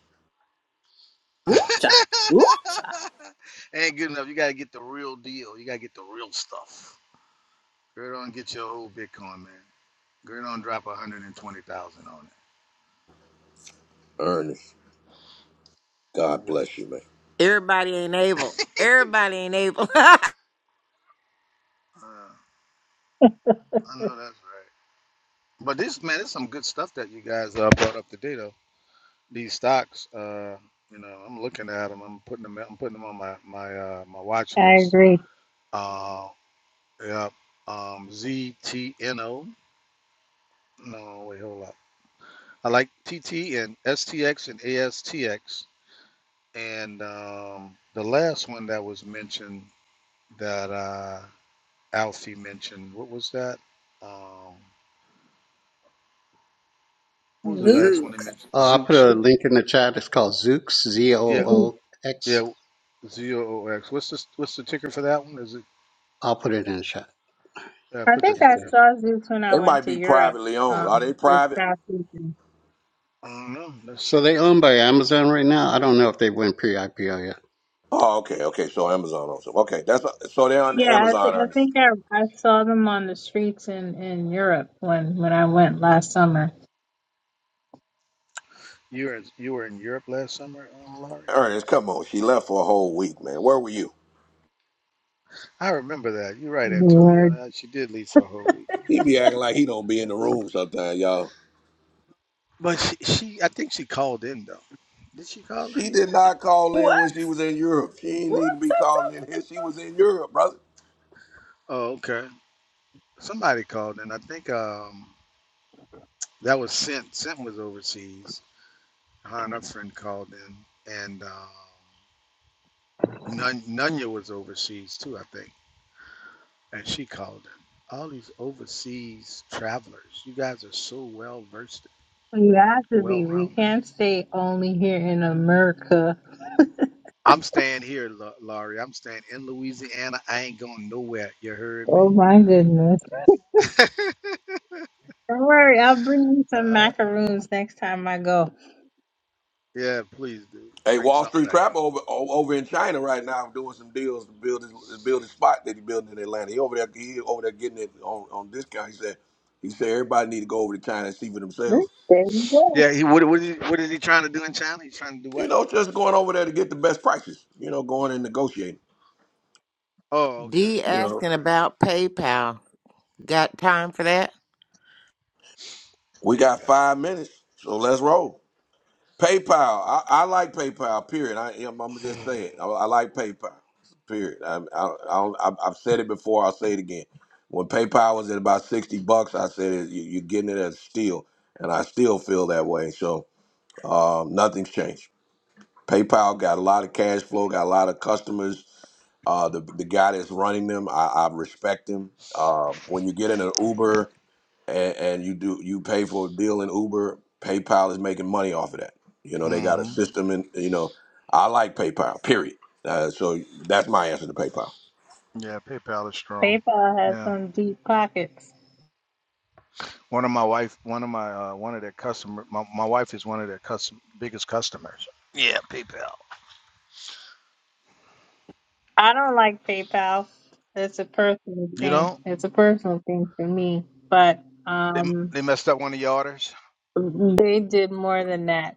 S2: Ooh, cha. Ooh, cha.
S9: ain't good enough. You gotta get the real deal. You gotta get the real stuff. Girl, don't get your old Bitcoin, man. Girl, don't drop 120,000 on
S1: Ernest.
S9: it.
S1: God
S9: What?
S1: bless you, man.
S5: Everybody ain't able. Everybody ain't able.
S9: Uh, I know that's right. But this man, there's some good stuff that you guys uh, brought up today, though. These stocks, uh, you know, I'm looking at them. I'm putting them. I'm putting them on my my uh, my watch
S8: I
S9: list.
S8: agree.
S9: Uh, yep. Um, ZTNO. No, wait, hold up. I like TT and STX and ASTX. And um, the last one that was mentioned that uh, Alfie mentioned, what was that? Um, what was the
S8: Zoops.
S9: last one he
S5: Zooks.
S9: mentioned?
S13: Uh, I'll put
S9: Zooch.
S13: a link in the chat. It's called Zooks. Z O
S9: Yeah,
S8: Zoops.
S13: O X.
S9: Yeah, Z O O X. What's the what's the ticker for that one? Is it
S13: I'll put it in the chat.
S9: uh,
S8: I
S9: put
S8: think
S9: the
S13: If
S8: I
S9: tickers?
S13: they-
S8: saw Zooks when I
S1: It
S8: went
S1: might
S8: to
S1: be
S8: Europe
S1: privately owned. Are they
S8: um, this
S1: private?
S8: past season.
S9: I don't know. Let's
S13: so
S9: see.
S13: they owned by Amazon right now. I don't know if they went pre-IPO yet.
S1: Oh, okay, okay. So Amazon owns them. Okay, that's so they're on the
S8: Yeah, I, th-
S1: Amazon,
S8: I
S1: Ernest.
S8: think I, I saw them on the streets in, in Europe when, when I went last summer.
S9: You were in, you were in Europe last summer, uh, Laurie.
S1: Ernest, come on. She left for a whole week, man. Where were you?
S9: I remember that. You're right, Antonio. Now, She did leave for a whole week,
S1: He be acting like he don't be in
S9: but,
S1: the
S9: uh,
S1: room sometimes, y'all.
S9: but she, she I think she called in though. Did she call in?
S1: She did not call in
S2: What?
S1: when she was in Europe. She ain't
S2: What?
S1: need to be
S2: Ta,
S1: calling
S2: ta.
S1: in here. She was in Europe, brother.
S9: Oh, okay. Somebody called in. I think um that was Sent. Sent was overseas. Her and her friend called in, and um, Nun- Nunya was overseas too. I think. and she called them All these overseas travelers, you guys are so well versed,
S8: Well, You have to
S9: well
S8: be. We
S9: rounded.
S8: can't stay only here in America.
S9: I'm staying here, Lau- Laurie. I'm staying in Louisiana. I ain't going nowhere. You heard me?
S8: Oh my goodness. Don't worry, I'll bring you some
S9: Uh,
S8: macaroons next time I go.
S9: yeah, please do.
S1: Hey,
S9: Bring
S1: Wall
S9: something
S1: Street
S9: back.
S1: Trapper over o- over in China right now doing some deals to build his to build his spot that he built in Atlanta. He over there he over there getting it on, on discount. He said he said everybody need to go over to China and see for
S8: There
S1: themselves.
S8: you go.
S9: Yeah, he what what is he, what is he trying to do in China? He's trying to do
S1: You
S9: what?
S1: know, just going over there to get the best prices. You know, going and negotiating.
S9: Oh, okay.
S5: D
S1: You
S9: All
S1: know,
S5: asking
S9: right.
S5: about PayPal. Got time for that?
S1: we got
S9: PayPal.
S1: five minutes, so let's roll. PayPal. I, I like PayPal. Period. I, am I'm I'm just saying. I, I like PayPal. Period. I, I, I don't, I've I've said it before. I'll say it again. When PayPal was at about sixty bucks, I said it, you, you're getting it as a steal, and I still feel that way. So um, nothing's changed. PayPal got a lot of cash flow, got a lot of customers. Uh, the the guy that's running them, I, I respect him. Uh, when you get in an Uber and, and you do you pay for a deal in Uber. PayPal is making money off of that. You know they got a
S9: Mm-hmm.
S1: system, and you know I like PayPal. Period. Uh, so that's my answer to PayPal.
S9: Yeah, PayPal is strong.
S8: PayPal has
S9: Yeah.
S8: some deep pockets.
S9: One of my wife, one of my uh, one of their customer, my, my wife is one of their custom biggest customers. Yeah, PayPal.
S8: I don't like PayPal. It's a personal
S9: You
S8: thing.
S9: know,
S8: It's a personal thing for me. But
S9: they m-
S8: um
S9: they messed up one of your orders.
S8: they did more than that.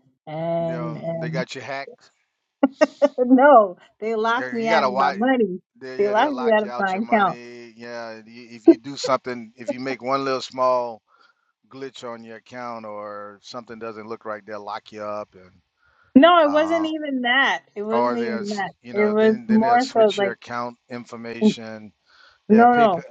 S9: You
S8: And
S9: know, they
S8: and
S9: got you hacked.
S8: no, they locked
S9: Girl, You
S8: me out
S9: gotta
S8: of my
S9: watch.
S8: money.
S9: They,
S8: They
S9: yeah, they'll
S8: locked me
S9: lock
S8: out
S9: you
S8: of
S9: out
S8: my
S9: your
S8: account.
S9: money. Yeah, y- if you do something, if you make one little small glitch on your account or something doesn't look right, they'll lock you up and
S8: No, it wasn't
S9: uh,
S8: even that. It wasn't
S9: or they'll
S8: even
S9: s-
S8: that.
S9: you
S8: It
S9: know
S8: was
S9: then then they'll
S8: more so
S9: switch your
S8: like,
S9: account information. Yeah,
S8: no, no.
S9: PayPal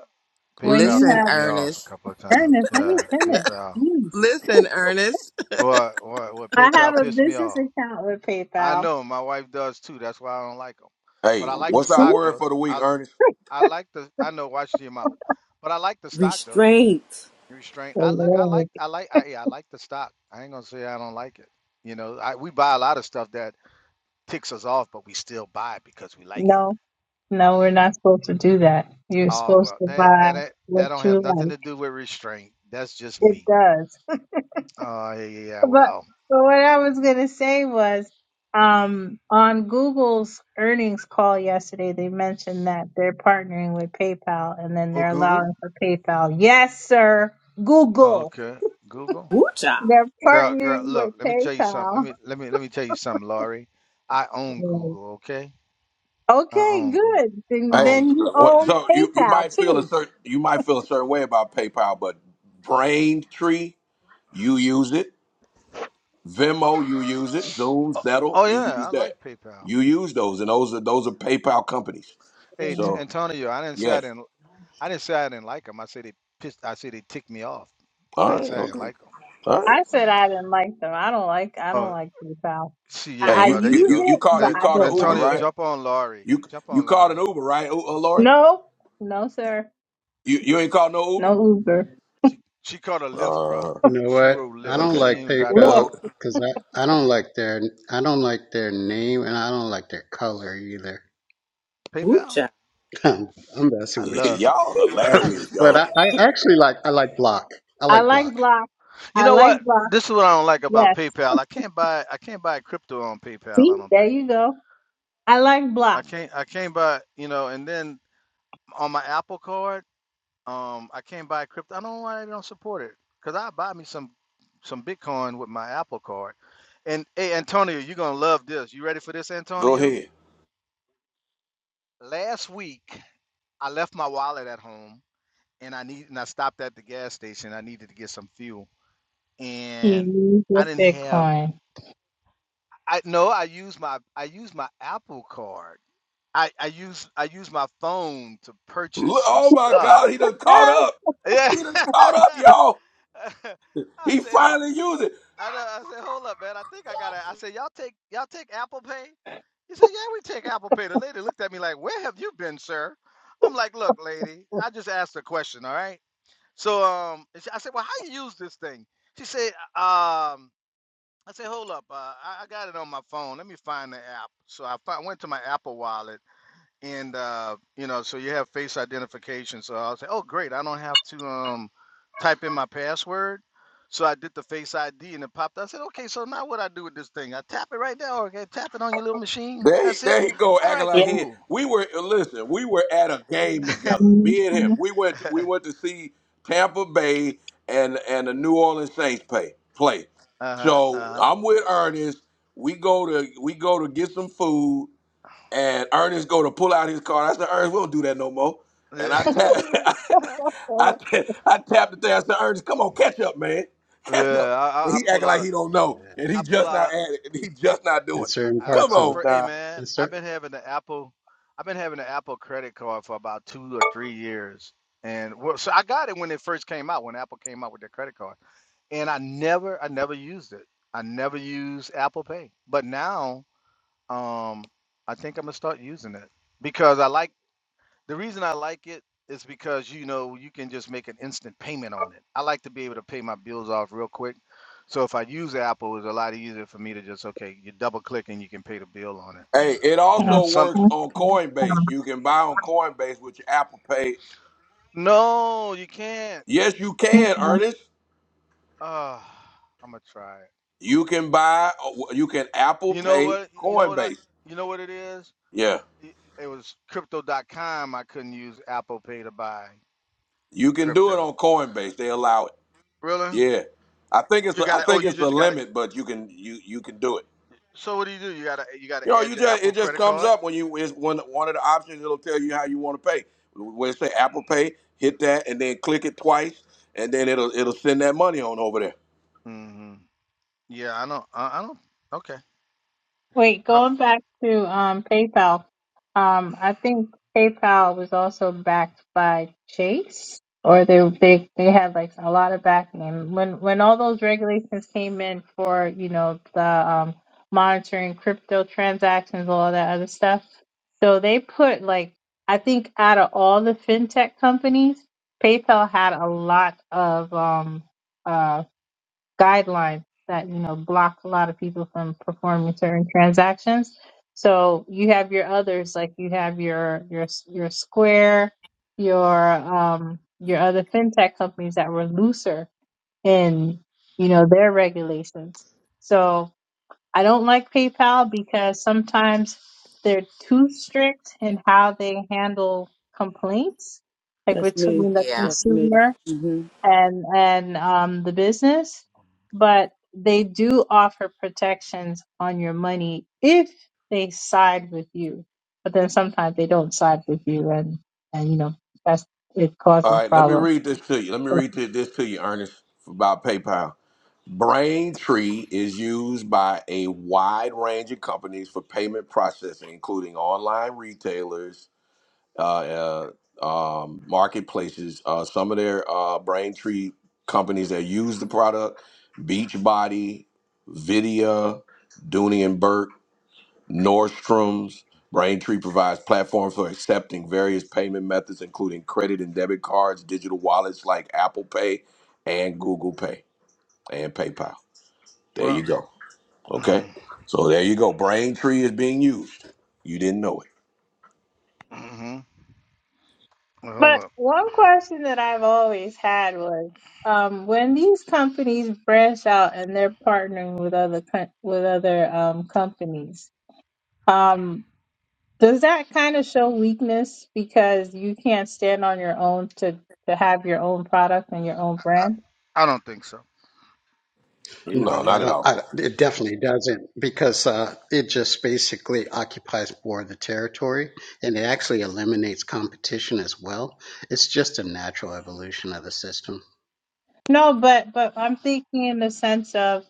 S8: When
S9: PayPal
S8: you
S5: Listen,
S9: ticked
S8: have
S9: me off a
S5: Ernest.
S9: couple of times.
S8: earnest, let me
S9: Yeah,
S8: finish.
S9: PayPal.
S8: Jeez.
S5: Listen, Ernest.
S9: What what what
S8: I have
S9: PayPal
S8: a
S9: pissed me
S8: business
S9: off.
S8: account with
S9: I
S8: PayPal.
S9: know my wife does too. That's why I don't like them.
S1: Hey,
S9: But I like the
S1: what's our
S8: See?
S9: stock
S1: word
S9: though.
S1: for the week,
S9: I
S1: Ernest?
S9: I like the I know watch your mouth, but I like the stock though.
S2: Restraint.
S9: Restraint.
S8: Oh,
S9: I look. I
S8: Lord.
S9: like. I like. I, yeah, I like the stock. I ain't gonna say I don't like it. You know, I, we buy a lot of stuff that ticks us off, but we still buy it because we like it.
S8: No, no, we're not supposed to do that. You're
S9: Oh
S8: supposed
S9: well,
S8: to
S9: that
S8: buy
S9: that ain't-
S8: what
S9: that don't have
S8: you
S9: nothing
S8: like.
S9: to do with restraint. That's just
S8: It
S9: me.
S8: does.
S9: Oh yeah. yeah, yeah,
S8: but
S9: Well,
S8: but what I was gonna say was um on Google's earnings call yesterday they mentioned that they're partnering with PayPal and then
S9: oh
S8: they're
S9: Google.
S8: allowing for PayPal. Yes, sir. Google.
S9: Okay, Google.
S2: Ooh, cha.
S8: They're
S9: Girl, girl,
S8: partnering
S9: look,
S8: with
S9: let me tell you something. Let
S8: PayPal.
S9: me let me let me tell you something, Laurie. I own
S8: Right.
S9: Google, okay? I
S8: Okay,
S9: own Google.
S8: good.
S9: I
S8: Then
S1: Hey,
S9: own
S8: then you
S1: uh,
S9: Google.
S1: what,
S8: own
S1: so you, you
S8: PayPal
S1: might feel a
S8: too.
S1: certain you might feel a certain way about PayPal, but Braintree, you use it.
S9: Oh,
S1: Venmo, you use it. Zoom,
S9: oh,
S1: Settle,
S9: oh
S1: you
S9: yeah, I
S1: use that.
S9: like PayPal.
S1: You use those, and those are those are PayPal companies.
S8: Yeah.
S9: Hey, T-
S1: So
S9: Antonio, I didn't say I
S1: yes,
S9: didn't I didn't say I didn't like them. I said they pissed I said they ticked me off.
S1: all
S9: I didn't
S1: right,
S9: say I didn't
S1: okay,
S9: like them.
S1: all right.
S8: I said I didn't like them. I don't like I don't
S9: Oh,
S8: like PayPal.
S9: see,
S1: Hey,
S9: yeah,
S8: I, I
S1: you
S9: well, there
S1: you
S9: you
S8: use
S1: you
S9: go.
S1: you
S8: it,
S1: called
S8: but
S1: you
S9: Let,
S8: I
S1: called
S8: don't
S1: an Uber,
S8: like
S9: Antonio,
S1: right?
S8: it.
S9: jump on Laurie.
S1: You
S9: Jump
S1: you
S9: on
S1: called
S9: Laurie.
S1: an Uber, right, uh, Lord?
S8: No, no, sir.
S1: You you ain't called no Uber?
S8: No Uber.
S9: She she called a Lyft, bro.
S13: You
S1: Uh,
S13: know
S9: She
S13: what?
S9: rode
S13: I
S9: Lyft.
S13: don't
S9: She
S1: okay.
S13: like
S9: ain't even drive no
S13: PayPal
S1: Well,
S9: Uber.
S13: because I, I don't like their I don't like their name and I don't like their color either.
S2: Ooh,
S9: PayPal?
S2: cha.
S13: I'm, I'm
S9: I
S13: messing with you.
S9: love
S1: y'all
S9: I, l-
S1: hilarious,
S9: I-
S13: but
S1: y'all.
S13: I, I actually like I like block. I
S8: I
S13: like
S8: like
S13: block.
S8: block.
S9: You
S8: I
S9: know
S8: like
S9: what?
S8: block.
S9: This is what I don't like about
S8: Yes.
S9: PayPal. I can't buy I can't buy crypto on PayPal,
S8: See,
S9: I don't
S8: there
S9: think.
S8: you go. I like
S9: I
S8: block.
S9: can't I can't buy, you know, and then on my Apple card, um I can't buy crypto. I don't know why they don't support it. Cause I buy me some some Bitcoin with my Apple card. And hey Antonio, you're gonna love this. You ready for this,
S1: Go
S9: Antonio?
S1: ahead.
S9: Last week I left my wallet at home and I need and I stopped at the gas station. I needed to get some fuel.
S8: He
S9: And
S8: used
S9: I
S8: with
S9: didn't have
S8: Bitcoin.
S9: I no, I use my I use my Apple card. I I use I use my phone to purchase
S1: Look,
S9: some
S1: oh my
S9: stuff.
S1: God, he done caught
S8: Ah,
S1: up.
S9: Yeah.
S1: He done caught up, y'all.
S9: I
S1: He
S9: said
S1: finally used it.
S9: I, done- I said hold up, man. I think I got to I said y'all take y'all take Apple Pay? He said, "Yeah, we take Apple Pay." The lady looked at me like, "Where have you been, sir?" I'm like, "Look, lady, I just asked a question, all right?" So um, and she- I said, "Well, how you use this thing?" She said, "Uh, um. I said, hold up, uh, I, I got it on my phone. Let me find the app. So I fi- went to my Apple Wallet, and uh, you know, so you have face identification. So I was like, oh, great, I don't have to um, type in my password. So I did the Face ID, and it popped. I said, okay, so now what I do with this thing? I tap it right there. Okay, tap it on your little machine.
S1: There he,
S9: That's it.
S1: there he go
S9: All
S1: acting
S9: right,
S1: like he.
S9: cool.
S1: We were listen. We were at a game together. Me and him. We went. To, we
S9: uh
S1: went to see Tampa Bay and and the New Orleans Saints play. Play.
S9: huh.
S1: So
S9: Uh
S1: I'm with Ernest. We go to we go to get some food, and Ernest go to pull out his card. I said, Ernest, we don't do that no more. And I tap I
S9: huh.
S1: I,
S8: yeah.
S1: ta- I tapped it there. I said, Ernest, come on, catch up, man, catch up.
S9: Yeah, I, I,
S1: And
S9: I
S1: he
S9: pull
S1: acting
S9: out
S1: like
S9: a
S1: he don't know,
S13: Yeah.
S1: and
S9: I
S1: he
S9: pull
S1: just not
S9: out
S1: at it. And he just not
S13: In
S1: doing it.
S13: certain
S9: I, I've,
S1: Come
S13: parts
S9: I,
S13: of
S1: on,
S9: for, hey
S1: now.
S9: man,
S13: in
S9: I've
S13: certain
S9: been having the Apple, I've been having the Apple credit card for about two or three years, and well, so I got it when it first came out, when Apple came out with their credit card, and I never, I never used it. I never used Apple Pay, but now, um, I think I'm gonna start using it because I like the reason I like it is because you know you can just make an instant payment on it. I like to be able to pay my bills off real quick. So if I use Apple, it's a lot easier for me to just okay, you double click and you can pay the bill on it.
S1: Hey, it
S9: You know,
S1: also
S9: some
S1: works on Coinbase. You can buy on Coinbase with your Apple Pay.
S9: no, you can't.
S1: Yes, you can, Ernest.
S9: Uh, I'm gonna try it.
S1: You can buy, uh, you can Apple
S9: You know
S1: Pay
S9: what? You know what I?
S1: Coinbase.
S9: You know what it is?
S1: Yeah,
S9: It, it was crypto.com. I couldn't use Apple Pay to buy
S1: you can do it
S9: crypto.
S1: on Coinbase. They allow it.
S9: Really?
S1: Yeah, I think it's
S9: You got
S1: I
S9: to Oh,
S1: think
S9: you
S1: it's a
S9: just you got to
S1: limit, but you can you you can do it.
S9: So what do you do? You got to you got to
S1: You know,
S9: add
S1: you
S9: your
S1: just
S9: Apple
S1: it just
S9: credit
S1: comes
S9: card.
S1: up when you is one one of the options. It'll tell you how you want to pay. When it say Apple Pay, hit that and then click it twice, and then it'll it'll send that money on over there.
S9: hmm Yeah, I don't. I, I don't. Okay.
S8: Wait,
S9: I,
S8: going back to um, PayPal, um, I think PayPal was also backed by Chase, or they they they had like a lot of backing. And when when all those regulations came in for you know the um, monitoring crypto transactions, all that other stuff, so they put like I think out of all the fintech companies, PayPal had a lot of um, uh, guidelines that you know block a lot of people from performing certain transactions. So you have your others, like you have your your your Square, your um your other fintech companies that were looser in you know their regulations. So I don't like PayPal because sometimes they're too strict in how they handle complaints, like
S2: That's me.
S8: between the
S5: Yeah.
S2: That's me.
S8: consumer
S2: hmm
S8: and and um, the business, but they do offer protections on your money if they side with you. But then sometimes they don't side with you, and and you know that's it
S1: All
S8: causes
S1: right, let me
S8: problems.
S1: read this to you. Let me read thi- this to you, Ernest, about PayPal. Braintree is used by a wide range of companies for payment processing, including online retailers, uh, uh, um, marketplaces. Uh, some of their uh, Braintree companies that use the product: Beachbody, Vidya, Dooney and Burke. Nordstrom's Braintree provides platforms for accepting various payment methods, including credit and debit cards, digital wallets like Apple Pay and Google Pay and PayPal. There you
S9: well,
S1: go. Okay.
S9: hmm
S1: So there you go. Braintree is being used. You didn't know it.
S9: hmm Well,
S8: But
S9: hold up.
S8: one question that I've always had was um, when these companies branch out and they're partnering with other co- with other um, companies. um, Does that kind of show weakness because you can't stand on your own to to have your own product and your own
S9: I,
S8: brand?
S9: I don't think so.
S13: no,
S1: No,
S13: I
S1: not at
S13: don't.
S1: all.
S13: I, it definitely doesn't because uh, it just basically occupies more of the territory and it actually eliminates competition as well. It's just a natural evolution of the system.
S8: No, but but I'm thinking in the sense of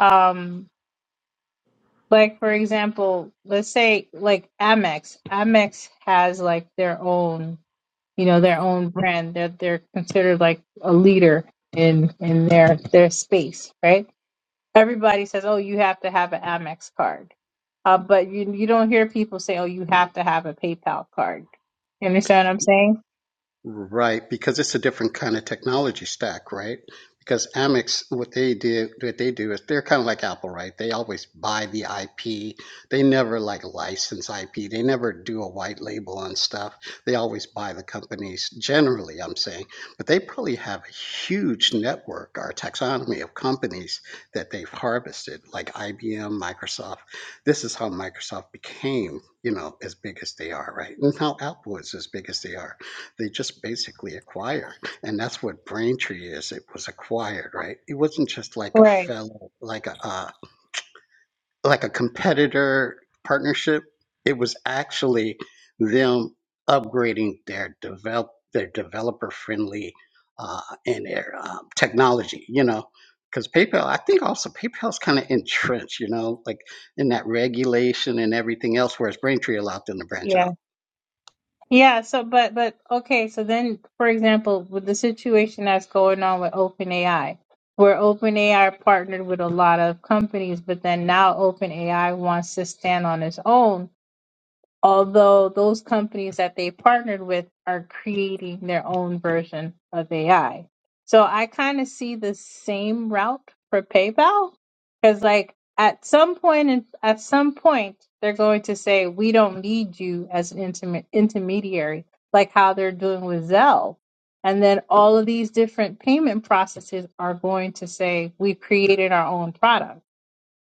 S8: um like for example, let's say like Amex. Amex has like their own, you know, their own brand. that They're they're considered like a leader in in their their space, right? everybody says, "Oh, you have to have an Amex card," uh, but you you don't hear people say, "Oh, you have to have a PayPal card." You understand what I'm saying?
S13: Right, because it's a different kind of technology stack, right? Because Amex, what they do, what they do is they're kind of like Apple, right? They always buy the IP. They never like license IP. They never do a white label on stuff. They always buy the companies. Generally, I'm saying, but they probably have a huge network or taxonomy of companies that they've harvested, like IBM, Microsoft. This is how Microsoft became, you know, as big as they are, right? And how Apple is as big as they are they just basically acquired, and that's what Braintree is. It was acquired, right? It wasn't just like a
S8: Right.
S13: fellow, like a uh, like a competitor partnership. It was actually them upgrading their develop their developer friendly uh, and their um, technology. You know, because PayPal, I think also PayPal's kind of entrenched. You know, like in that regulation and everything else, whereas Braintree allowed them to branch
S8: Yeah.
S13: out.
S8: Yeah. So, but but okay. So then, for example, with the situation that's going on with OpenAI, where OpenAI partnered with a lot of companies, but then now OpenAI wants to stand on its own although those companies that they partnered with are creating their own version of AI. So I kind of see the same route for PayPal because like at some point in, at some point they're going to say we don't need you as an intimate intermediary like how they're doing with Zelle. And then all of these different payment processes are going to say we've created our own product.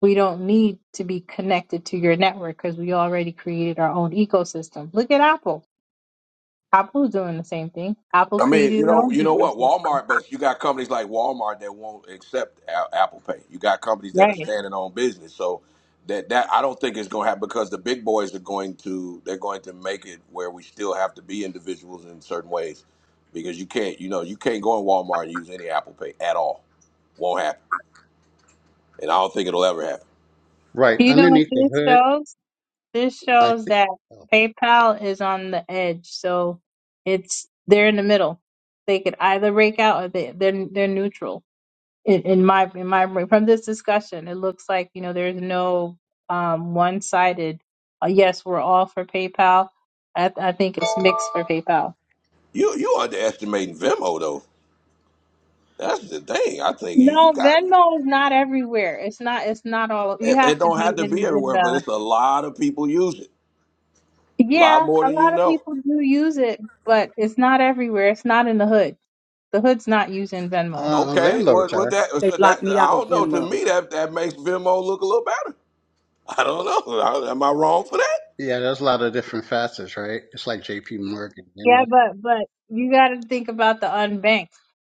S8: We don't need to be connected to your network because we already created our own ecosystem. Look at Apple. Apple's doing the same thing. Apple
S1: I mean,
S8: created
S1: you
S8: its
S1: know,
S8: own
S1: you know what?
S8: ecosystem.
S1: Walmart, but you got companies like Walmart that won't accept a- Apple Pay. You got companies that are
S8: Right.
S1: standing on business. So that that I don't think it's going to happen because the big boys are going to they're going to make it where we still have to be individuals in certain ways because you can't, you know, you can't go in Walmart and use any Apple Pay at all. Won't happen, and I don't think it'll ever happen.
S13: Right
S8: You know what
S13: underneath the
S8: this
S13: hood,
S8: shows? This
S13: I
S8: shows
S13: think
S8: that
S13: uh,
S8: PayPal is on the edge. So it's they're in the middle. They could either break out or they, they're they're neutral in, in my in my from this discussion, it looks like you know there's no um, one-sided. Uh, yes, we're all for PayPal. I, I think it's mixed for PayPal.
S1: You you underestimating Venmo though. That's the thing. I think you, you
S8: No,
S1: got
S8: Venmo is not everywhere. It's not. It's not all. You
S1: it, it.
S8: have to
S1: Don't
S8: be
S1: have to be
S8: in in
S1: everywhere, but
S8: the.
S1: it's a lot of people use it. A lot
S8: Yeah,
S1: more
S8: a
S1: than you
S8: lot of
S1: know.
S8: people do use it, but it's not everywhere. It's not in the hood. The hood's not using Venmo.
S13: uh,
S1: Okay, what
S13: landlords
S1: what
S13: are.
S1: that
S2: They
S1: so that
S2: blocked me
S1: I
S2: out of
S1: don't know. To
S2: Venmo.
S1: me, that that makes Venmo look a little better. I don't know. I- am I wrong for that?
S13: Yeah, there's a lot of different facets, right? It's like J.P. Morgan, you know.
S8: Yeah, but but you got to think about the unbanked.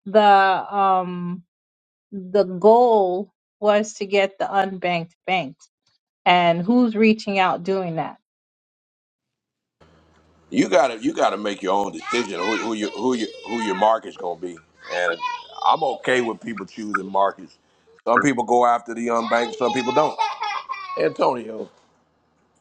S8: The um the goal was to get the unbanked banked. And who's reaching out doing that?
S1: You got to you got to make your own decision who, who you who you who your market's gonna be. And I'm okay with people choosing markets. Some people go after the unbanked, some people don't. Antonio,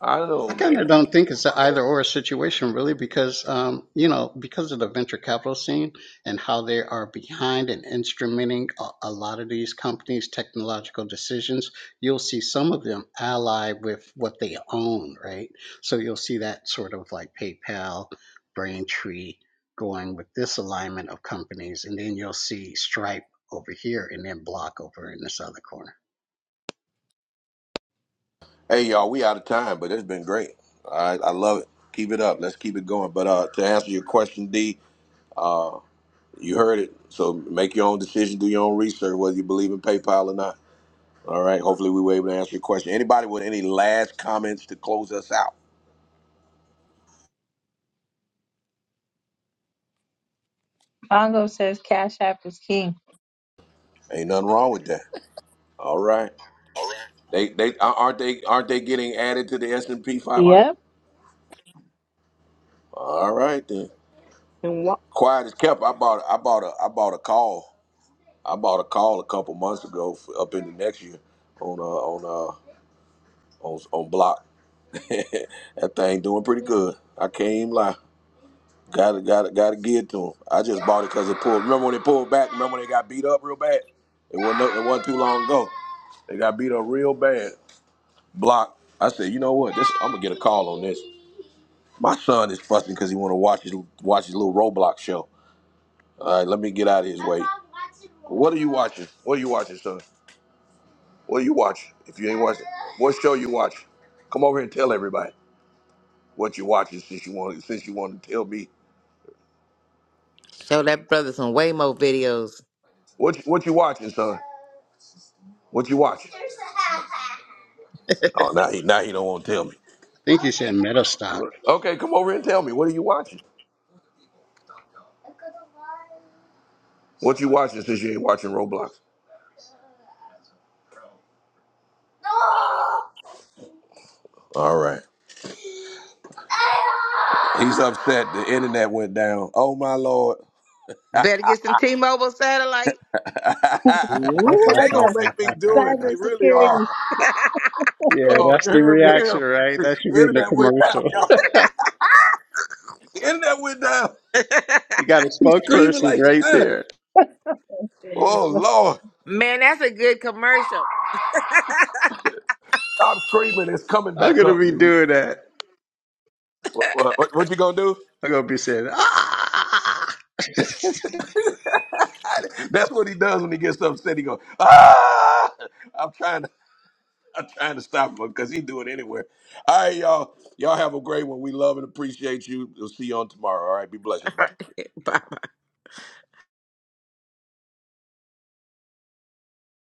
S1: I
S13: I
S1: know,
S13: kind of
S1: man.
S13: don't think it's an either or situation, really, because um, you know, because of the venture capital scene and how they are behind and instrumenting a, a lot of these companies' technological decisions. You'll see some of them allied with what they own, right? So you'll see that sort of like PayPal, Braintree going with this alignment of companies, and then you'll see Stripe over here, and then Block over in this other corner.
S1: Hey y'all, we out of time, but it's been great. I I love it. Keep it up. Let's keep it going. But uh, to answer your question, D, You heard it. So make your own decision, do your own research, whether you believe in PayPal or not. All right. Hopefully, we were able to answer your question. Anybody with any last comments to close us out?
S8: Mongo says Cash App is king.
S1: Ain't nothing wrong with that. All right. They they uh, aren't they aren't they getting added to the S and P 500?
S8: Yep.
S1: All right then.
S14: and why
S1: Quiet as kept. I bought I bought a I bought a call. I bought a call a couple months ago for up in the next year on uh on uh on on block. that thing doing pretty good. I can't even lie. Gotta, gotta, gotta give it to him. I just bought it because it pulled. Remember when it pulled back? Remember when they got beat up real bad? It wasn't, it wasn't too long ago. They got beat up real bad. Block. I said, you know what? This, I'm gonna get a call on this. My son is fussing because he want to watch his watch his little Roblox show. All right, let me get out of his way. What are you watching? What are you watching, son? What are you watching? If you ain't watching, what show you watching? Come over here and tell everybody what you watching since you want since you want to tell me
S5: Show that brother some Waymo videos.
S1: what you, what you watching, son. What you watching? Oh, now he now he don't want to tell me.
S13: I think you said MetaStock.
S1: Okay, come over and tell me. What are you watching? What you watching since you ain't watching Roblox? All right. He's upset. The internet went down. Oh my lord.
S5: Better get some T Mobile satellite.
S2: Ooh,
S1: they
S2: cha.
S8: Cyber,
S1: gonna make me do it. They
S8: cyber
S1: really are.
S8: security.
S1: Uh
S13: Yeah,
S1: oh,
S13: that's
S1: you
S13: the
S1: hear him? You hear
S13: reaction,
S1: him?
S13: right? That should
S1: The
S13: be in the
S1: internet went down,
S13: commercial.
S1: y'all. The internet went down.
S13: You got a
S1: He's screaming
S13: spokesperson
S1: like he
S13: right
S1: died.
S13: there.
S1: Oh lord.
S5: Man, that's a good commercial.
S1: Stop screaming. It's coming
S13: I'm
S1: back
S13: gonna
S1: up,
S13: be
S1: dude.
S13: doing that.
S1: What, what, what you gonna do?
S13: I'm gonna be saying, ah!
S1: That's what he does when he gets upset. He goes, ah! I'm trying to, I'm trying to stop him because he do it anywhere alright you All right, y'all. Y'all have a great one. We love and appreciate you. We'll see you on tomorrow. All right, be blessed, everybody.